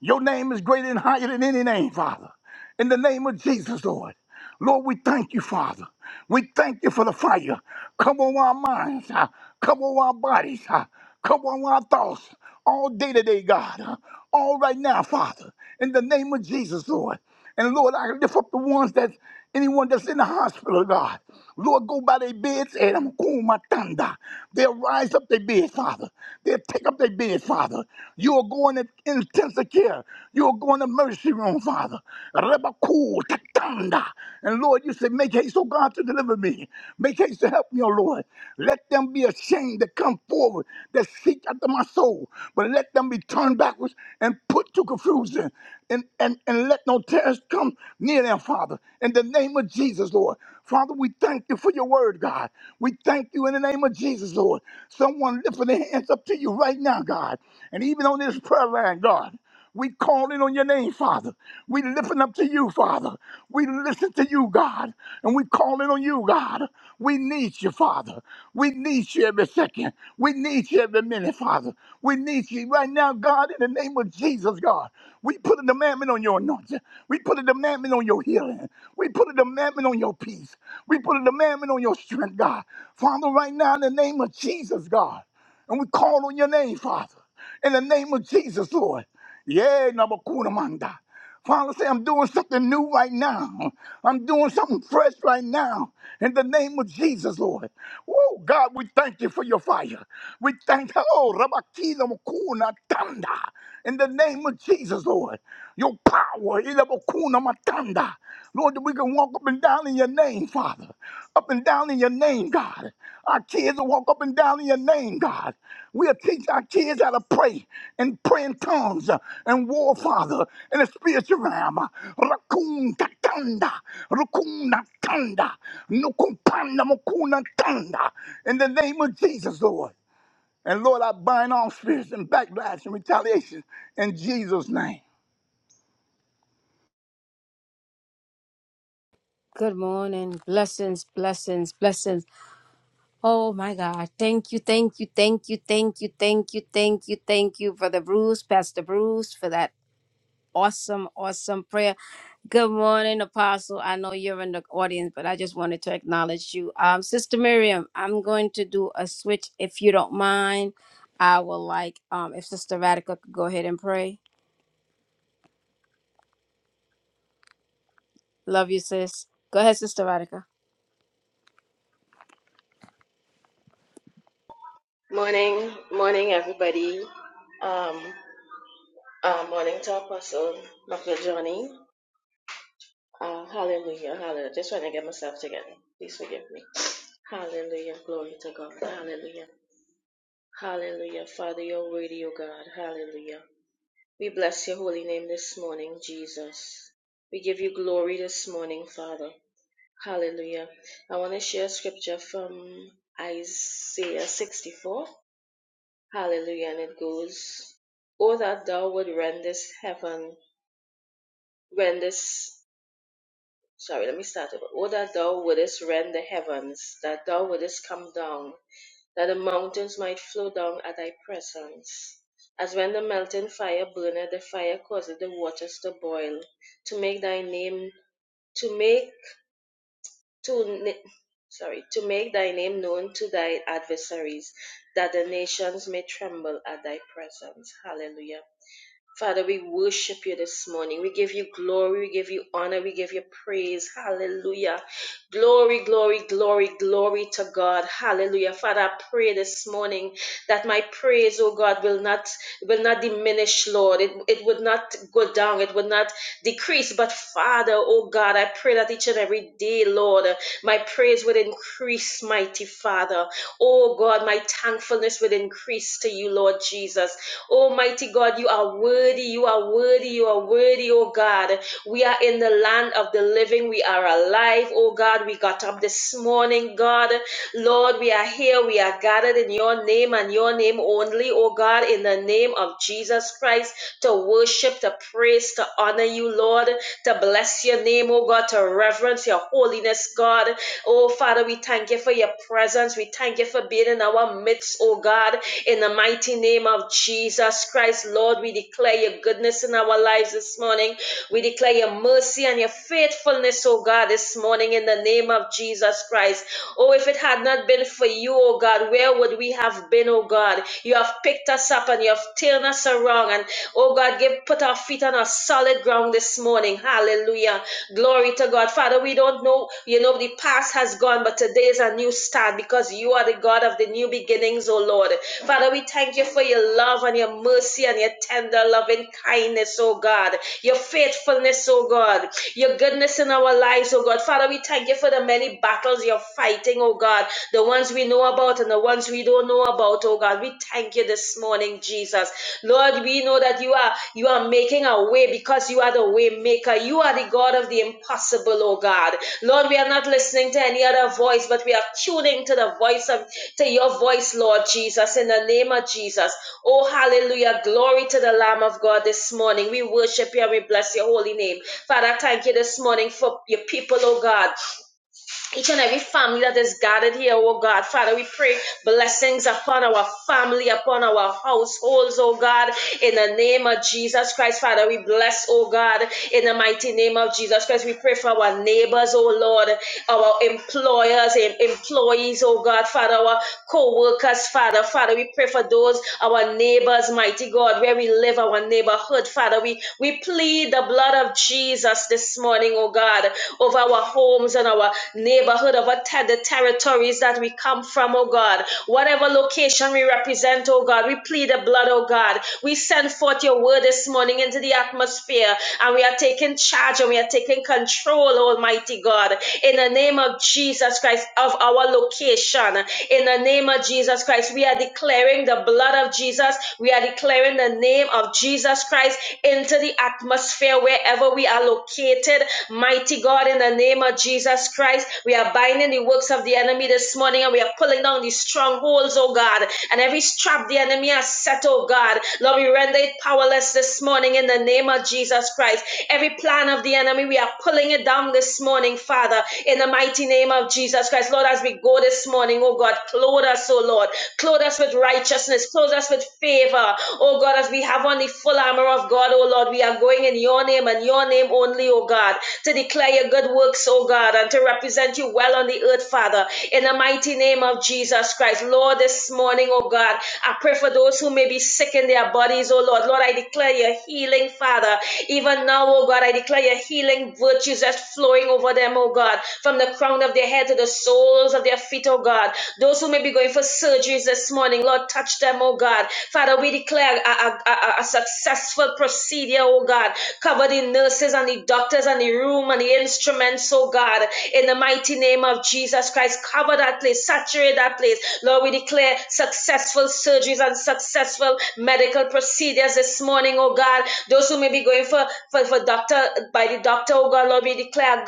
C: Your name is greater and higher than any name, Father. In the name of Jesus, Lord. Lord, we thank you, Father. We thank you for the fire. Come on our minds, ah. come on our bodies, ah. come on our thoughts all day today, God. ah. All right now, Father. In the name of Jesus, Lord. And Lord, I lift up the ones that anyone that's in the hospital, God. Lord, go by their beds and I'm going my thunder. They'll rise up their bed, Father. They'll take up their bed, Father. You are going to intensive care. You are going to mercy room, Father. Rebaku, tatanda. And Lord, you said, make haste, oh God, to deliver me. Make haste to help me, oh Lord. Let them be ashamed to come forward, that seek after my soul. But let them be turned backwards and put to confusion. And, and, and let no terrors come near them, Father. In the name of Jesus, Lord. Father, we thank you for your word, God. We thank you in the name of Jesus, Lord. Someone lifting their hands up to you right now, God. And even on this prayer line, God. We calling on your name, Father. We lifting up to you, Father. We listen to you, God. And we calling on you, God. We need you, Father. Father. We need you every second. We need you every minute, Father. We need you right now, God, in the name of Jesus, God. We put a demandment on your anointing. We put a demandment on your healing. We put a demandment on your peace. We put a demandment on your strength, God. Father, right now, in the name of Jesus, God. And we call on your name, Father. In the name of Jesus, Lord. Yeah, Nabakuna Manda. Father, say, I'm doing something new right now. I'm doing something fresh right now. In the name of Jesus, Lord. Oh, God, we thank you for your fire. We thank you. Oh, Rabakila Mukuna Tanda. In the name of Jesus, Lord. Your power. Ila Mukuna Matanda. Lord, that we can walk up and down in your name, Father. Up and down in your name, God. Our kids will walk up and down in your name, God. We'll teach our kids how to pray and pray in tongues uh, and war, Father, in the spiritual realm. Rakun tatanda, rukuna tanda, nukumpanda mukuna tanda. In the name of Jesus, Lord. And Lord, I bind all spirits and backlash and retaliation in Jesus' name.
A: good morning. Blessings, blessings, blessings. Oh my God. Thank you, thank you, thank you, thank you, thank you, thank you, thank you, Brother Bruce, Pastor Bruce, for that awesome, awesome prayer. Good morning, Apostle. I know you're in the audience, but I just wanted to acknowledge you. Um, Sister Miriam, I'm going to do a switch if you don't mind. I will like um if Sister Radica could go ahead and pray. Love you, sis. Go ahead, Sister Radica.
D: Morning, morning, everybody. Um, uh, morning to Apostle Dr. Johnny. Uh, hallelujah, hallelujah. Just trying to get myself together. Please forgive me. Hallelujah, glory to God. Hallelujah, hallelujah. Father, you're worthy, O God. Hallelujah. We bless your holy name this morning, Jesus. We give you glory this morning, Father. Hallelujah. I want to share scripture from Isaiah 64. Hallelujah. And it goes, O that thou would rend this heaven, rend this, sorry, let me start over. O that thou wouldest rend the heavens, that thou wouldest come down, that the mountains might flow down at thy presence. As when the melting fire burneth, the fire causeth the waters to boil, to make thy name, to make, to, na- sorry, to make thy name known to thy adversaries, that the nations may tremble at thy presence. Hallelujah. Father, we worship you this morning. We give you glory, we give you honor, we give you praise. Hallelujah. Glory, glory, glory, glory to God. Hallelujah. Father, I pray this morning that my praise, oh God, will not will not diminish, Lord. It, it would not go down, it would not decrease. But Father, oh God, I pray that each and every day, Lord, my praise would increase, mighty Father. Oh God, my thankfulness would increase to you, Lord Jesus. Almighty God, you are worthy, you are worthy, you are worthy, oh God. We are in the land of the living, we are alive, oh God. We got up this morning, God. Lord, we are here, we are gathered in your name and your name only, oh God, in the name of Jesus Christ, to worship, to praise, to honor you, Lord, to bless your name, oh God, to reverence your holiness, God. Oh Father, we thank you for your presence. We thank you for being in our midst, oh God. In the mighty name of Jesus Christ, Lord, we declare your goodness in our lives this morning. We declare your mercy and your faithfulness, oh God, this morning in the name of Jesus Christ. Oh, if it had not been for you, oh God, where would we have been, oh God? You have picked us up and you have turned us around. And oh God, give put our feet on a solid ground this morning. Hallelujah. Glory to God. Father, we don't know, you know, the past has gone, but today is a new start because you are the God of the new beginnings, oh Lord. Father, we thank you for your love and your mercy and your tender loving kindness, oh God. Your faithfulness, oh God. Your goodness in our lives, oh God. Father, we thank you for the many battles battles you're fighting, oh God, the ones we know about and the ones we don't know about, oh God. We thank you this morning, Jesus. Lord, we know that you are you are making a way because you are the way maker. You are the God of the impossible, oh God. Lord, we are not listening to any other voice, but we are tuning to the voice of to your voice, Lord Jesus, in the name of Jesus. Oh, hallelujah. Glory to the Lamb of God this morning. We worship you and we bless your holy name. Father, thank you this morning for your people, oh God each and every family that is gathered here, oh God. Father, we pray blessings upon our family, upon our households, oh God, in the name of Jesus Christ. Father, we bless, oh God, in the mighty name of Jesus Christ. We pray for our neighbors, oh Lord, our employers and employees, oh God, Father, our co workers, Father. Father, we pray for those, our neighbors, mighty God, where we live, our neighborhood, Father. We, we plead the blood of Jesus this morning, oh God, over over our homes and our neighborhood, over te- the territories that we come from, oh God. Whatever location we represent, oh God, we plead the blood, oh God. We send forth your word this morning into the atmosphere and we are taking charge and we are taking control, Almighty God, in the name of Jesus Christ of our location. In the name of Jesus Christ, we are declaring the blood of Jesus. We are declaring the name of Jesus Christ into the atmosphere wherever we are located created. Mighty God, in the name of Jesus Christ, we are binding the works of the enemy this morning and we are pulling down these strongholds, oh God, and every trap the enemy has set, oh God. Lord, we render it powerless this morning in the name of Jesus Christ. Every plan of the enemy, we are pulling it down this morning, Father, in the mighty name of Jesus Christ. Lord, as we go this morning, oh God, clothe us, oh Lord. Clothe us with righteousness. Clothe us with favor. Oh God, as we have on the full armor of God, oh Lord, we are going in your your name and your name only, O God, to declare your good works, O God, and to represent you well on the earth, Father, in the mighty name of Jesus Christ. Lord, this morning, O God, I pray for those who may be sick in their bodies, O Lord. Lord, I declare your healing, Father. Even now, O God, I declare your healing virtues that's flowing over them, O God, from the crown of their head to the soles of their feet, O God. Those who may be going for surgeries this morning, Lord, touch them, O God. Father, we declare a, a, a, a successful surgical procedure, oh God. Cover the nurses and the doctors and the room and the instruments, oh God. In the mighty name of Jesus Christ, cover that place, saturate that place. Lord, we declare successful surgeries and successful medical procedures this morning, oh God. Those who may be going for, for, for doctor, by the doctor, oh God, Lord, we declare a,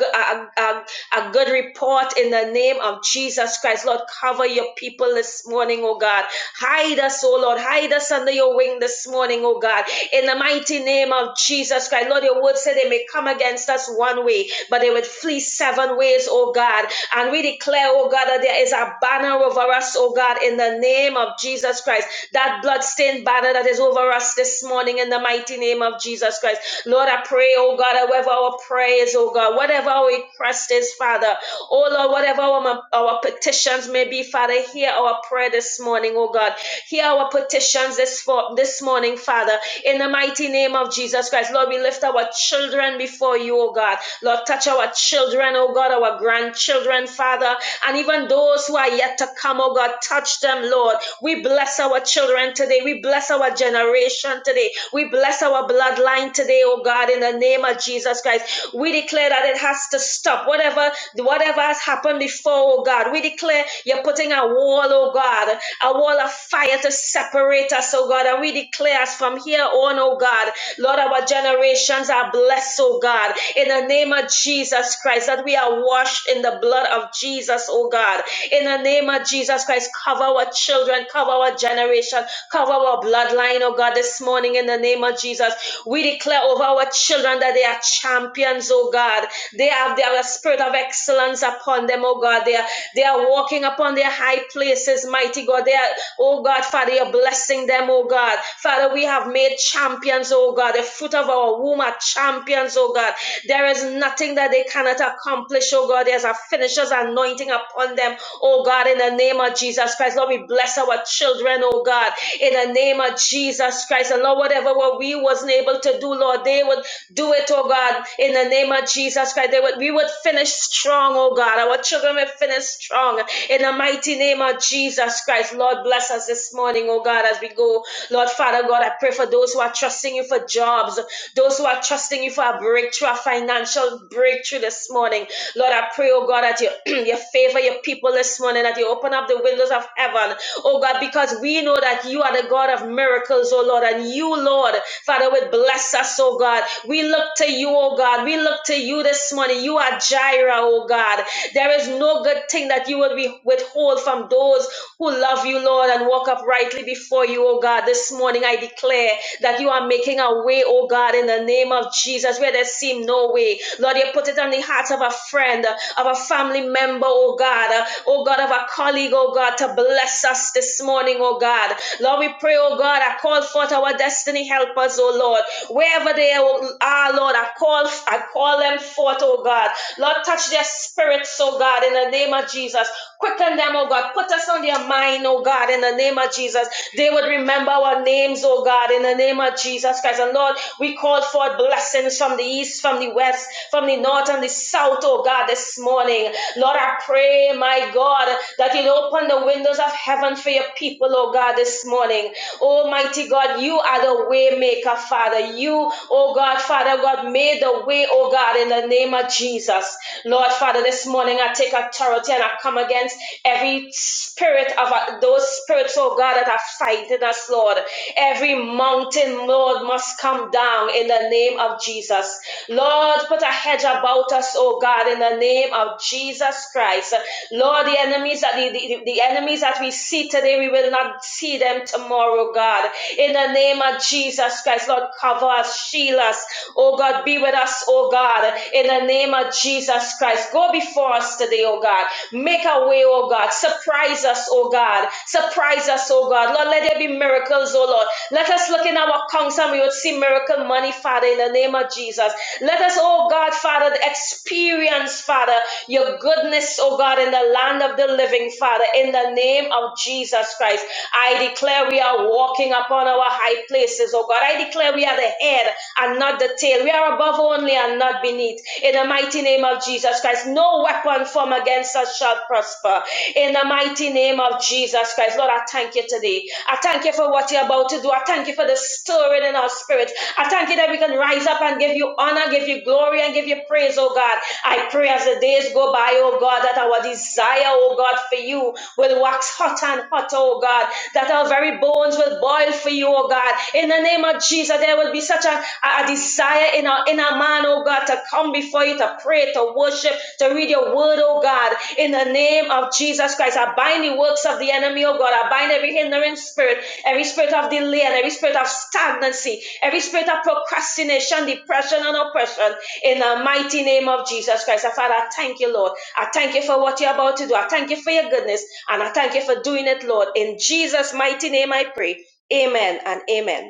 D: a, a a good report in the name of Jesus Christ. Lord, cover your people this morning, oh God. Hide us, oh Lord. Hide us under your wing this this morning, oh God, in the mighty name of Jesus Christ. Lord, your word said they may come against us one way, but they would flee seven ways, oh God. And we declare, oh God, that there is a banner over us, oh God, in the name of Jesus Christ. That bloodstained banner that is over us this morning in the mighty name of Jesus Christ. Lord, I pray, oh God, that whatever our prayers, oh God, whatever our request is, Father, oh Lord, whatever our, our petitions may be, Father, hear our prayer this morning, oh God. Hear our our petitions this, for, this morning, Father, in the mighty name of Jesus Christ. Lord, we lift our children before you, oh God. Lord, touch our children, oh God, our grandchildren, Father, and even those who are yet to come, oh God, touch them, Lord. We bless our children today. We bless our generation today. We bless our bloodline today, oh God, in the name of Jesus Christ. We declare that it has to stop. Whatever, whatever has happened before, oh God, we declare you're putting a wall, oh God, a wall of fire to separate us, oh God. And we declare us from here on, oh God, Lord, our generations are blessed, oh God, in the name of Jesus Christ, that we are washed in the blood of Jesus, oh God. In the name of Jesus Christ, cover our children, cover our generation, Cover our bloodline, oh God, this morning in the name of Jesus. We declare over our children that they are champions, oh God. They have their spirit of excellence upon them, oh God. They are, they are walking upon their high places, mighty God. They are, oh God, Father, you're blessing them, oh God. Father, we have made champions, oh God. The fruit of our womb are champions, oh God. There is nothing that they cannot accomplish, oh God. There's a finisher's anointing upon them, Oh God, in the name of Jesus Christ, Lord, we bless our children, oh God, in the name of Jesus Christ. And Lord, whatever what we wasn't able to do, Lord, they would do it, oh God, in the name of Jesus Christ. They would we would finish strong, oh God. Our children will finish strong in the mighty name of Jesus Christ. Lord, bless us this morning, oh God, as we go. Lord Father God, I pray for those who are trusting you for jobs, those who are trusting you for a breakthrough, a financial breakthrough this morning. Lord, I pray, oh God, that you you, you favor your people this morning, that you open up the windows of heaven, oh God, because we know that you are the God of miracles, oh Lord, and you, Lord, Father, would bless us, oh God. We look to you, oh God. We look to you this morning. You are Jireh, oh God. There is no good thing that you will be withhold from those who love you, Lord, and walk uprightly before you, oh God. This morning I declare that you are making a way, oh God, in the name of Jesus, where there seem no way. Lord, you put it on the hearts of of a friend, of a family member, oh God, uh, oh God, of a colleague, oh God, to bless us this morning, oh God. Lord, we pray, oh God, I call forth our destiny helpers, oh Lord, wherever they are, oh Lord, I call, I call them forth, oh God. Lord, touch their spirits, oh God, in the name of Jesus. Quicken them, oh God. Put us on their mind, oh God, in the name of Jesus. They would remember our names, oh God, in the name of Jesus Christ. And Lord, we call forth blessings from the east, from the west west, from the north and the south, oh God, this morning. Lord, I pray, my God, that you'll open the windows of heaven for your people, oh God, this morning. Almighty God, you are the way maker, Father. You, oh God, Father God, made the way, oh God, in the name of Jesus. Lord, Father, this morning I take authority and I come against every spirit of uh, those spirits, oh God, that have fighted us, Lord. Every mountain, Lord, must come down in the name of of Jesus. Lord, put a hedge about us, oh God, in the name of Jesus Christ. Lord, the enemies that the, the, the enemies that we see today, we will not see them tomorrow, God. In the name of Jesus Christ, Lord, cover us, shield us. Oh God, be with us, oh God. In the name of Jesus Christ, go before us today, oh God. Make a way, oh God. Surprise us, oh God. Surprise us, oh God. Lord, let there be miracles, oh Lord. Let us look in our accounts and we would see see miracle money, Father, in the name of Jesus. Let us, oh God, Father, experience, Father, your goodness, oh God, in the land of the living, Father, in the name of Jesus Christ. I declare we are walking upon our high places, oh God. I declare we are the head and not the tail. We are above only and not beneath. In the mighty name of Jesus Christ, no weapon formed against us shall prosper. In the mighty name of Jesus Christ, Lord, I thank you today. I thank you for what you're about to do. I thank you thank you for the stirring in our spirit. I thank you that we can rise up and give you honor, give you glory, and give you praise, oh God. I pray as the days go by, oh God, that our desire, oh God, for you will wax hot and hot, oh God, that our very bones will boil for you, oh God. In the name of Jesus, there will be such a, a desire in our inner man, oh God, to come before you, to pray, to worship, to read your word, oh God. In the name of Jesus Christ, I bind the works of the enemy, oh God. I bind every hindering spirit every spirit of delay and every spirit of stagnancy, every spirit of procrastination, depression, and oppression in the mighty name of Jesus Christ. And Father, I thank you, Lord. I thank you for what you're about to do. I thank you for your goodness and I thank you for doing it, Lord. In Jesus' mighty name, I pray. Amen and amen.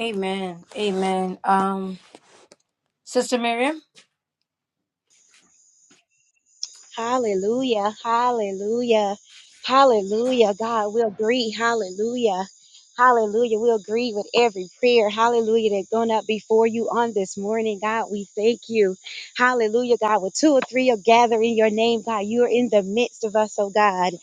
A: Amen. Amen. Um, Sister Miriam.
E: Hallelujah. Hallelujah. Hallelujah. God, we'll agree. Hallelujah. Hallelujah. We'll agree with every prayer. Hallelujah. That's going up before you on this morning. God, we thank you. Hallelujah. God, with two or three are gathering your name, God, you are in the midst of us, oh God.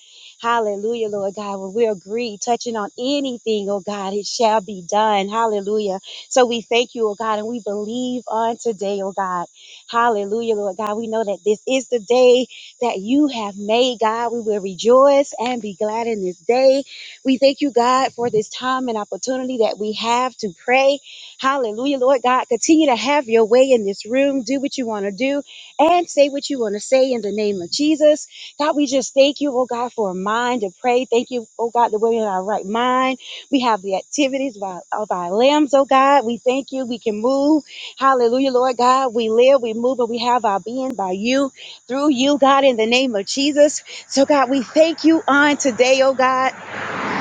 E: Hallelujah, Lord God. When we agree, touching on anything, oh God, it shall be done. Hallelujah. So we thank you, oh God, and we believe on today, oh God. Hallelujah, Lord God. We know that this is the day that you have made, God. We will rejoice and be glad in this day. We thank you, God, for this time and opportunity that we have to pray. Hallelujah, Lord God. Continue to have your way in this room. Do what you want to do and say what you want to say in the name of Jesus. God, we just thank you, oh God, for a mind to pray. Thank you, oh God, that we're in our right mind. We have the activities of our, of our limbs, oh God. We thank you. We can move. Hallelujah, Lord God. We live, we move, and we have our being by you through you, God, in the name of Jesus. So, God, we thank you on today, oh God.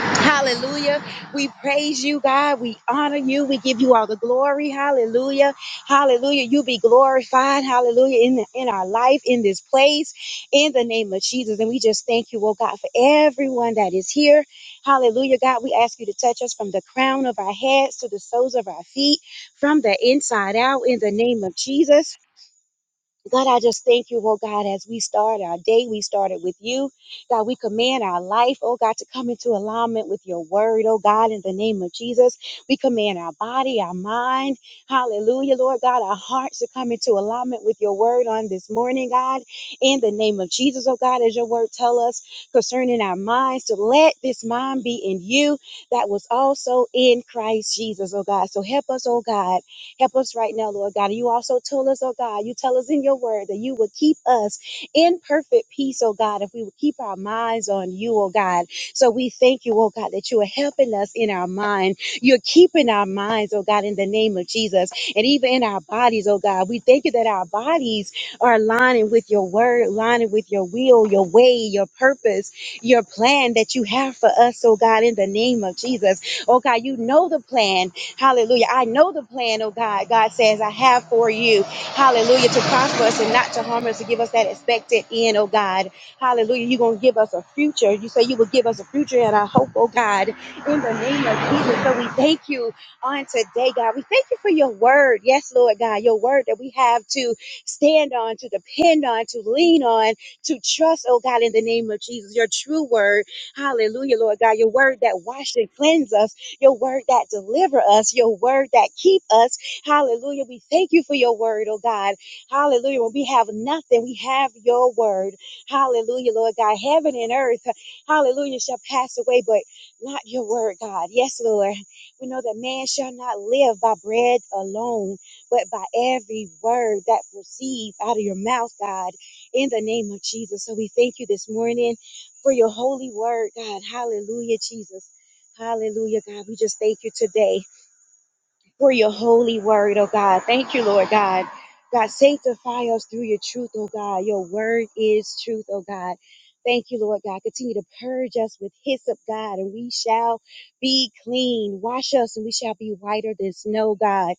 E: Hallelujah. We praise you, God. We honor you. We give you all the glory. Hallelujah. Hallelujah. You be glorified. Hallelujah. In, the, in our life, in this place, in the name of Jesus. And we just thank you, oh God, for everyone that is here. Hallelujah, God. We ask you to touch us from the crown of our heads to the soles of our feet, from the inside out, in the name of Jesus. God, I just thank you, oh God, as we start our day, we started with you. God, we command our life, oh God, to come into alignment with your word, oh God, in the name of Jesus. We command our body, our mind, hallelujah, Lord God, our hearts to come into alignment with your word on this morning, God, in the name of Jesus, oh God, as your word tell us concerning our minds, to let this mind be in you that was also in Christ Jesus, oh God. So help us, oh God Help us right now, Lord God. And You also told us, oh God, you tell us in your word that you will keep us in perfect peace, oh God, if we will keep our minds on you, oh God. So we thank you, oh God, that you are helping us in our mind. You're keeping our minds, oh God, in the name of Jesus. And even in our bodies, oh God, we thank you that our bodies are aligning with your word, aligning with your will, your way, your purpose, your plan that you have for us, oh God, in the name of Jesus. Oh God, you know the plan Hallelujah. I know the plan, oh God. God says, I have for you. Hallelujah. To prosper us and not to harm us, to give us that expected end, oh God. Hallelujah. You're going to give us a future. You say you will give us a future and I hope, oh God, in the name of Jesus. So we thank you on today, God. We thank you for your word. Yes, Lord God, your word that we have to stand on, to depend on, to lean on, to trust, oh God, in the name of Jesus. Your true word. Hallelujah, Lord God. Your word that washed and cleansed us your word that deliver us, your word that keep us. Hallelujah. We thank you for your word, oh God. Hallelujah. When we have nothing, we have your word. Hallelujah, Lord God. Heaven and earth, hallelujah, shall pass away, but not your word, God. Yes, Lord. We know that man shall not live by bread alone, but by every word that proceeds out of your mouth, God, in the name of Jesus. So we thank you this morning for your holy word, God. Hallelujah, Jesus. Hallelujah, God. We just thank you today for your holy word, oh God. Thank you, Lord God. God, sanctify us through your truth, oh God. Your word is truth, oh God. Thank you, Lord God. Continue to purge us with hyssop, God, and we shall be clean. Wash us, and we shall be whiter than snow, God.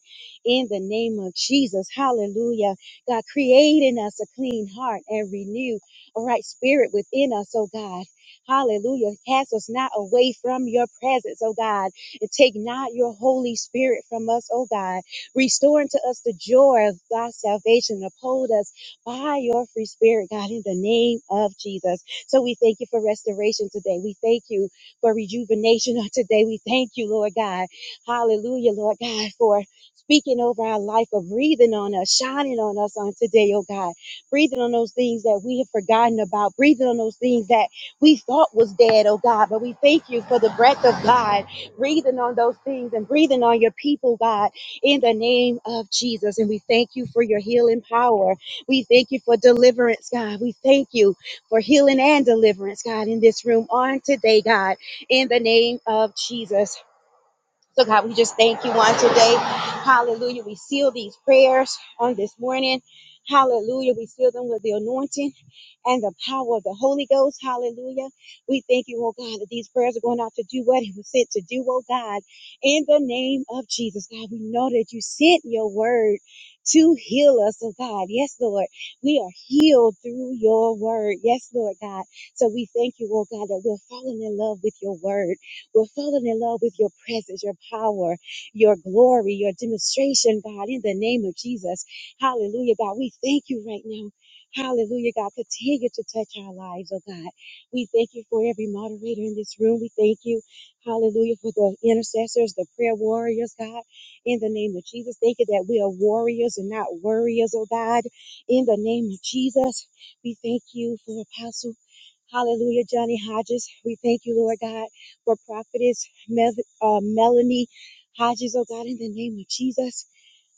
E: In the name of Jesus, hallelujah. God, create in us a clean heart and renew a right spirit within us, oh God. Hallelujah. Cast us not away from your presence, oh God. And take not your Holy Spirit from us, O God. Restore unto us the joy of thy salvation. and Uphold us by your free spirit, God, in the name of Jesus. So we thank you for restoration today. We thank you for rejuvenation on today. We thank you, Lord God. Hallelujah, Lord God, for speaking over our life, for breathing on us, shining on us on today, oh God. Breathing on those things that we have forgotten about, breathing on those things that we thought was dead, oh God. But we thank you for the breath of God breathing on those things and breathing on your people, God, in the name of Jesus. And we thank you for your healing power. We thank you for deliverance, God. We thank you for healing and deliverance, God, in this room on today, God, in the name of Jesus. So, God, we just thank you on today. Hallelujah. We seal these prayers on this morning. Hallelujah. We seal them with the anointing and the power of the Holy Ghost. Hallelujah. We thank you, oh God, that these prayers are going out to do what it was sent to do, oh God, in the name of Jesus. God, we know that you sent your word to heal us, oh God. Yes, Lord. We are healed through your word. Yes, Lord God. So we thank you, oh God, that we're falling in love with your word. We're falling in love with your presence, your power, your glory, your demonstration, God, in the name of Jesus. Hallelujah, God. We thank you right now. Hallelujah, God. Continue to touch our lives, oh God. We thank you for every moderator in this room. We thank you, hallelujah, for the intercessors, the prayer warriors, God. In the name of Jesus, thank you that we are warriors and not worriers, oh God. In the name of Jesus, we thank you for Apostle. Hallelujah, Johnny Hodges. We thank you, Lord God, for prophetess Mel- uh, Melanie Hodges, oh God, in the name of Jesus.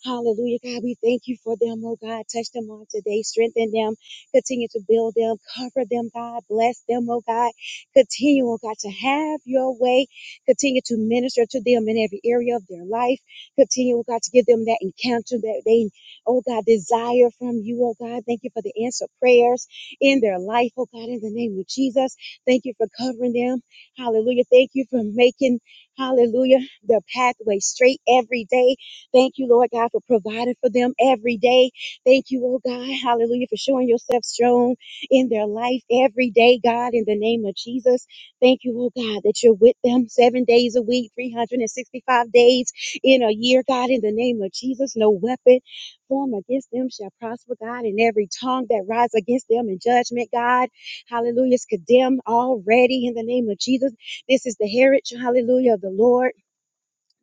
E: Hallelujah, God. We thank you for them, oh God. Touch them on today. Strengthen them. Continue to build them. Cover them, God. Bless them, oh God. Continue, oh God, to have your way. Continue to minister to them in every area of their life. Continue, oh God, to give them that encounter that they, oh God, desire from you, oh God. Thank you for the answer prayers in their life, oh God, in the name of Jesus. Thank you for covering them. Hallelujah. Thank you for making, hallelujah, the pathway straight every day. Thank you, Lord God, for providing for them every day. Thank you, oh God, hallelujah, for showing yourself strong in their life every day, God, in the name of Jesus. Thank you, oh God, that you're with them seven days a week, 365 days in a year, God, in the name of Jesus. No weapon formed against them shall prosper, God, and every tongue that rises against them in judgment, God, hallelujah, is condemned already in the name of Jesus. This is the heritage, hallelujah, of the Lord.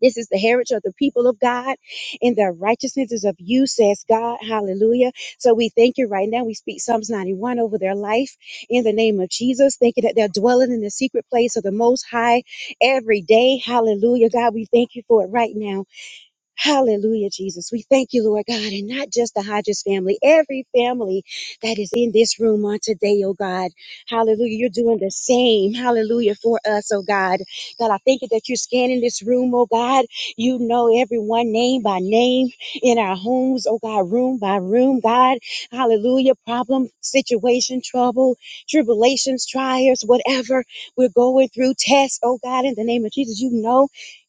E: This is the heritage of the people of God, and their righteousness is of you, says God. Hallelujah. So we thank you right now. We speak Psalms 91 over their life in the name of Jesus, thanking that they're dwelling in the secret place of the Most High every day. Hallelujah. God, we thank you for it right now Hallelujah, Jesus. We thank you, Lord God, and not just the Hodges family, every family that is in this room on today, oh God. Hallelujah. You're doing the same. Hallelujah for us, oh God. God, I thank you that you're scanning this room, oh God. You know everyone name by name in our homes, oh God, room by room, God. Hallelujah. Problem, situation, trouble, tribulations, trials, whatever we're going through, tests, oh God, in the name of Jesus. You know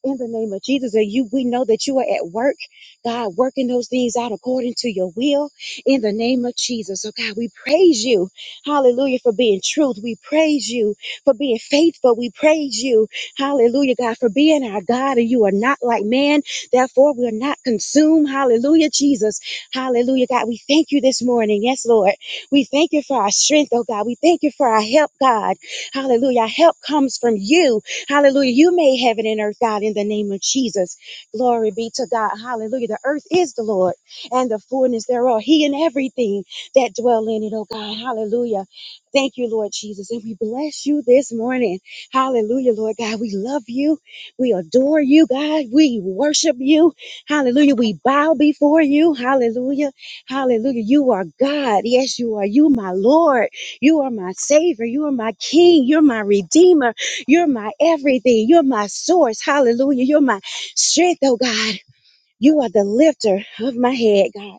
E: in the name of Jesus. And you, we know that you are at work, God, working those things out according to your will in the name of Jesus. So, God, we praise you, hallelujah, for being truth. We praise you for being faithful. We praise you, hallelujah, God, for being our God. And you are not like man, therefore, we are not consumed. Hallelujah, Jesus. Hallelujah, God. We thank you this morning. Yes, Lord. We thank you for our strength, oh God. We thank you for our help, God. Hallelujah. Our help comes from you. Hallelujah. You made heaven and earth, God, in the name of Jesus. Glory be to God. Hallelujah. The earth is the Lord and the fullness thereof. He and everything that dwell in it, oh God. Hallelujah. Thank you, Lord Jesus. And we bless you this morning. Hallelujah, Lord God. We love you. We adore you, God. We worship you. Hallelujah. We bow before you. Hallelujah. Hallelujah. You are God. Yes, you are. You, my Lord. You are my Savior. You are my King. You're my Redeemer. You're my everything. You're my source. Hallelujah. You're my strength, oh God. You are the lifter of my head, God.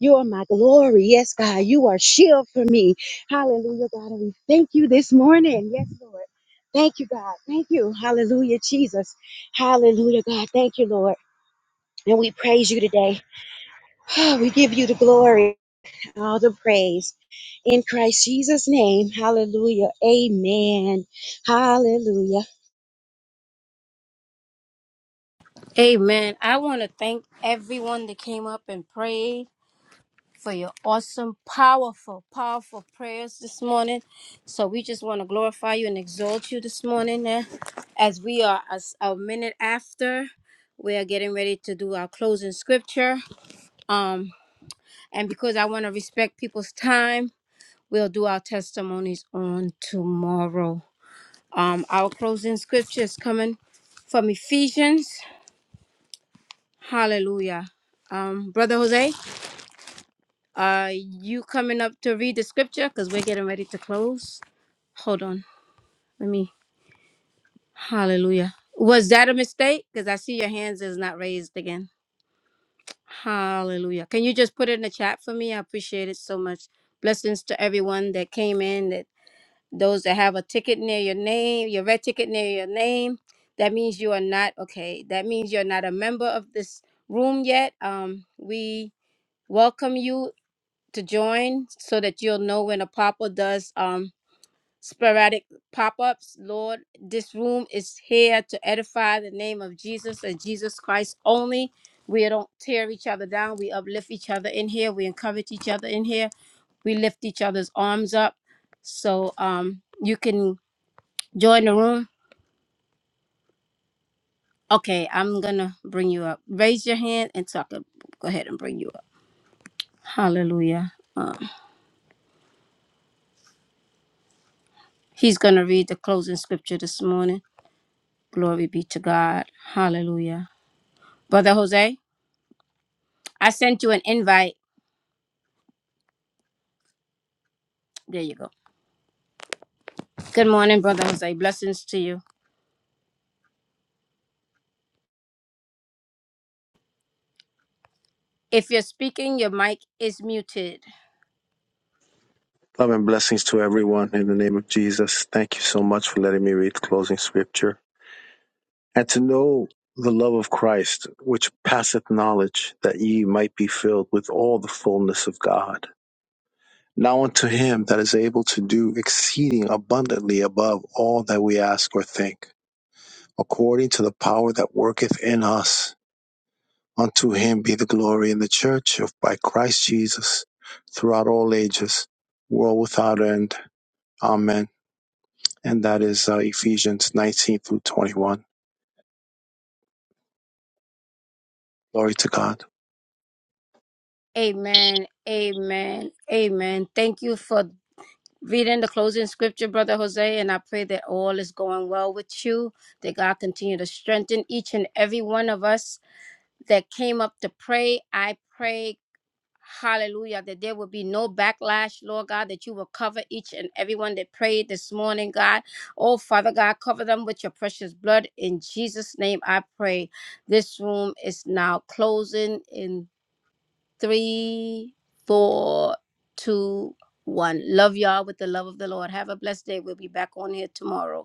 E: You are my glory. Yes, God. You are shield for me. Hallelujah, God. And we thank you this morning. Yes, Lord. Thank you, God. Thank you. Hallelujah, Jesus. Hallelujah, God. Thank you, Lord. And we praise you today. Oh, we give you the glory, all the praise. In Christ Jesus' name. Hallelujah. Amen. Hallelujah.
A: Amen. I want to thank everyone that came up and prayed for your awesome, powerful, powerful prayers this morning. So we just want to glorify you and exalt you this morning eh, as we are as a minute after we are getting ready to do our closing scripture. Um, and because I want to respect people's time, we'll do our testimonies on tomorrow. Um, our closing scripture is coming from Ephesians. Hallelujah. Um, Brother Jose, uh, you coming up to read the scripture because we're getting ready to close. Hold on. Let me. Hallelujah. Was that a mistake? Because I see your hands is not raised again. Hallelujah. Can you just put it in the chat for me? I appreciate it so much. Blessings to everyone that came in, that those that have a ticket near your name, your red ticket near your name, that means you are not okay. That means you're not a member of this room yet. Um, we welcome you to join so that you'll know when a pop-up does um sporadic pop-ups. Lord, this room is here to edify the name of Jesus and Jesus Christ only. We don't tear each other down. We uplift each other in here. We encourage each other in here. We lift each other's arms up. So um, you can Join the room. Okay, I'm gonna bring you up. Raise your hand and talk. Go ahead and bring you up. Hallelujah. Um, he's gonna read the closing scripture this morning. Glory be to God. Hallelujah. Brother Jose, I sent you an invite. There you go. Good morning, Brother Jose. Blessings to you. If you're speaking, your mic is muted.
F: Love and blessings to everyone in the name of Jesus. Thank you so much for letting me read closing scripture. And to know the love of Christ, which passeth knowledge, that ye might be filled with all the fullness of God. Now unto him that is able to do exceeding abundantly above all that we ask or think, according to the power that worketh in us. Unto him be the glory in the church of by Christ Jesus throughout all ages, world without end. Amen. and that is uh, Ephesians 19 through 21. Glory to God.
A: Amen. Amen. Amen. Thank you for Reading the closing scripture, Brother Jose, and I pray that all is going well with you. That God continue to strengthen each and every one of us that came up to pray. I pray, hallelujah, that there will be no backlash, Lord God, that you will cover each and everyone that prayed this morning, God. Oh, Father God, cover them with your precious blood. In Jesus' name, I pray. This room is now closing in three, four, two, one. Love y'all with the love of the Lord. Have a blessed day. We'll be back on here tomorrow.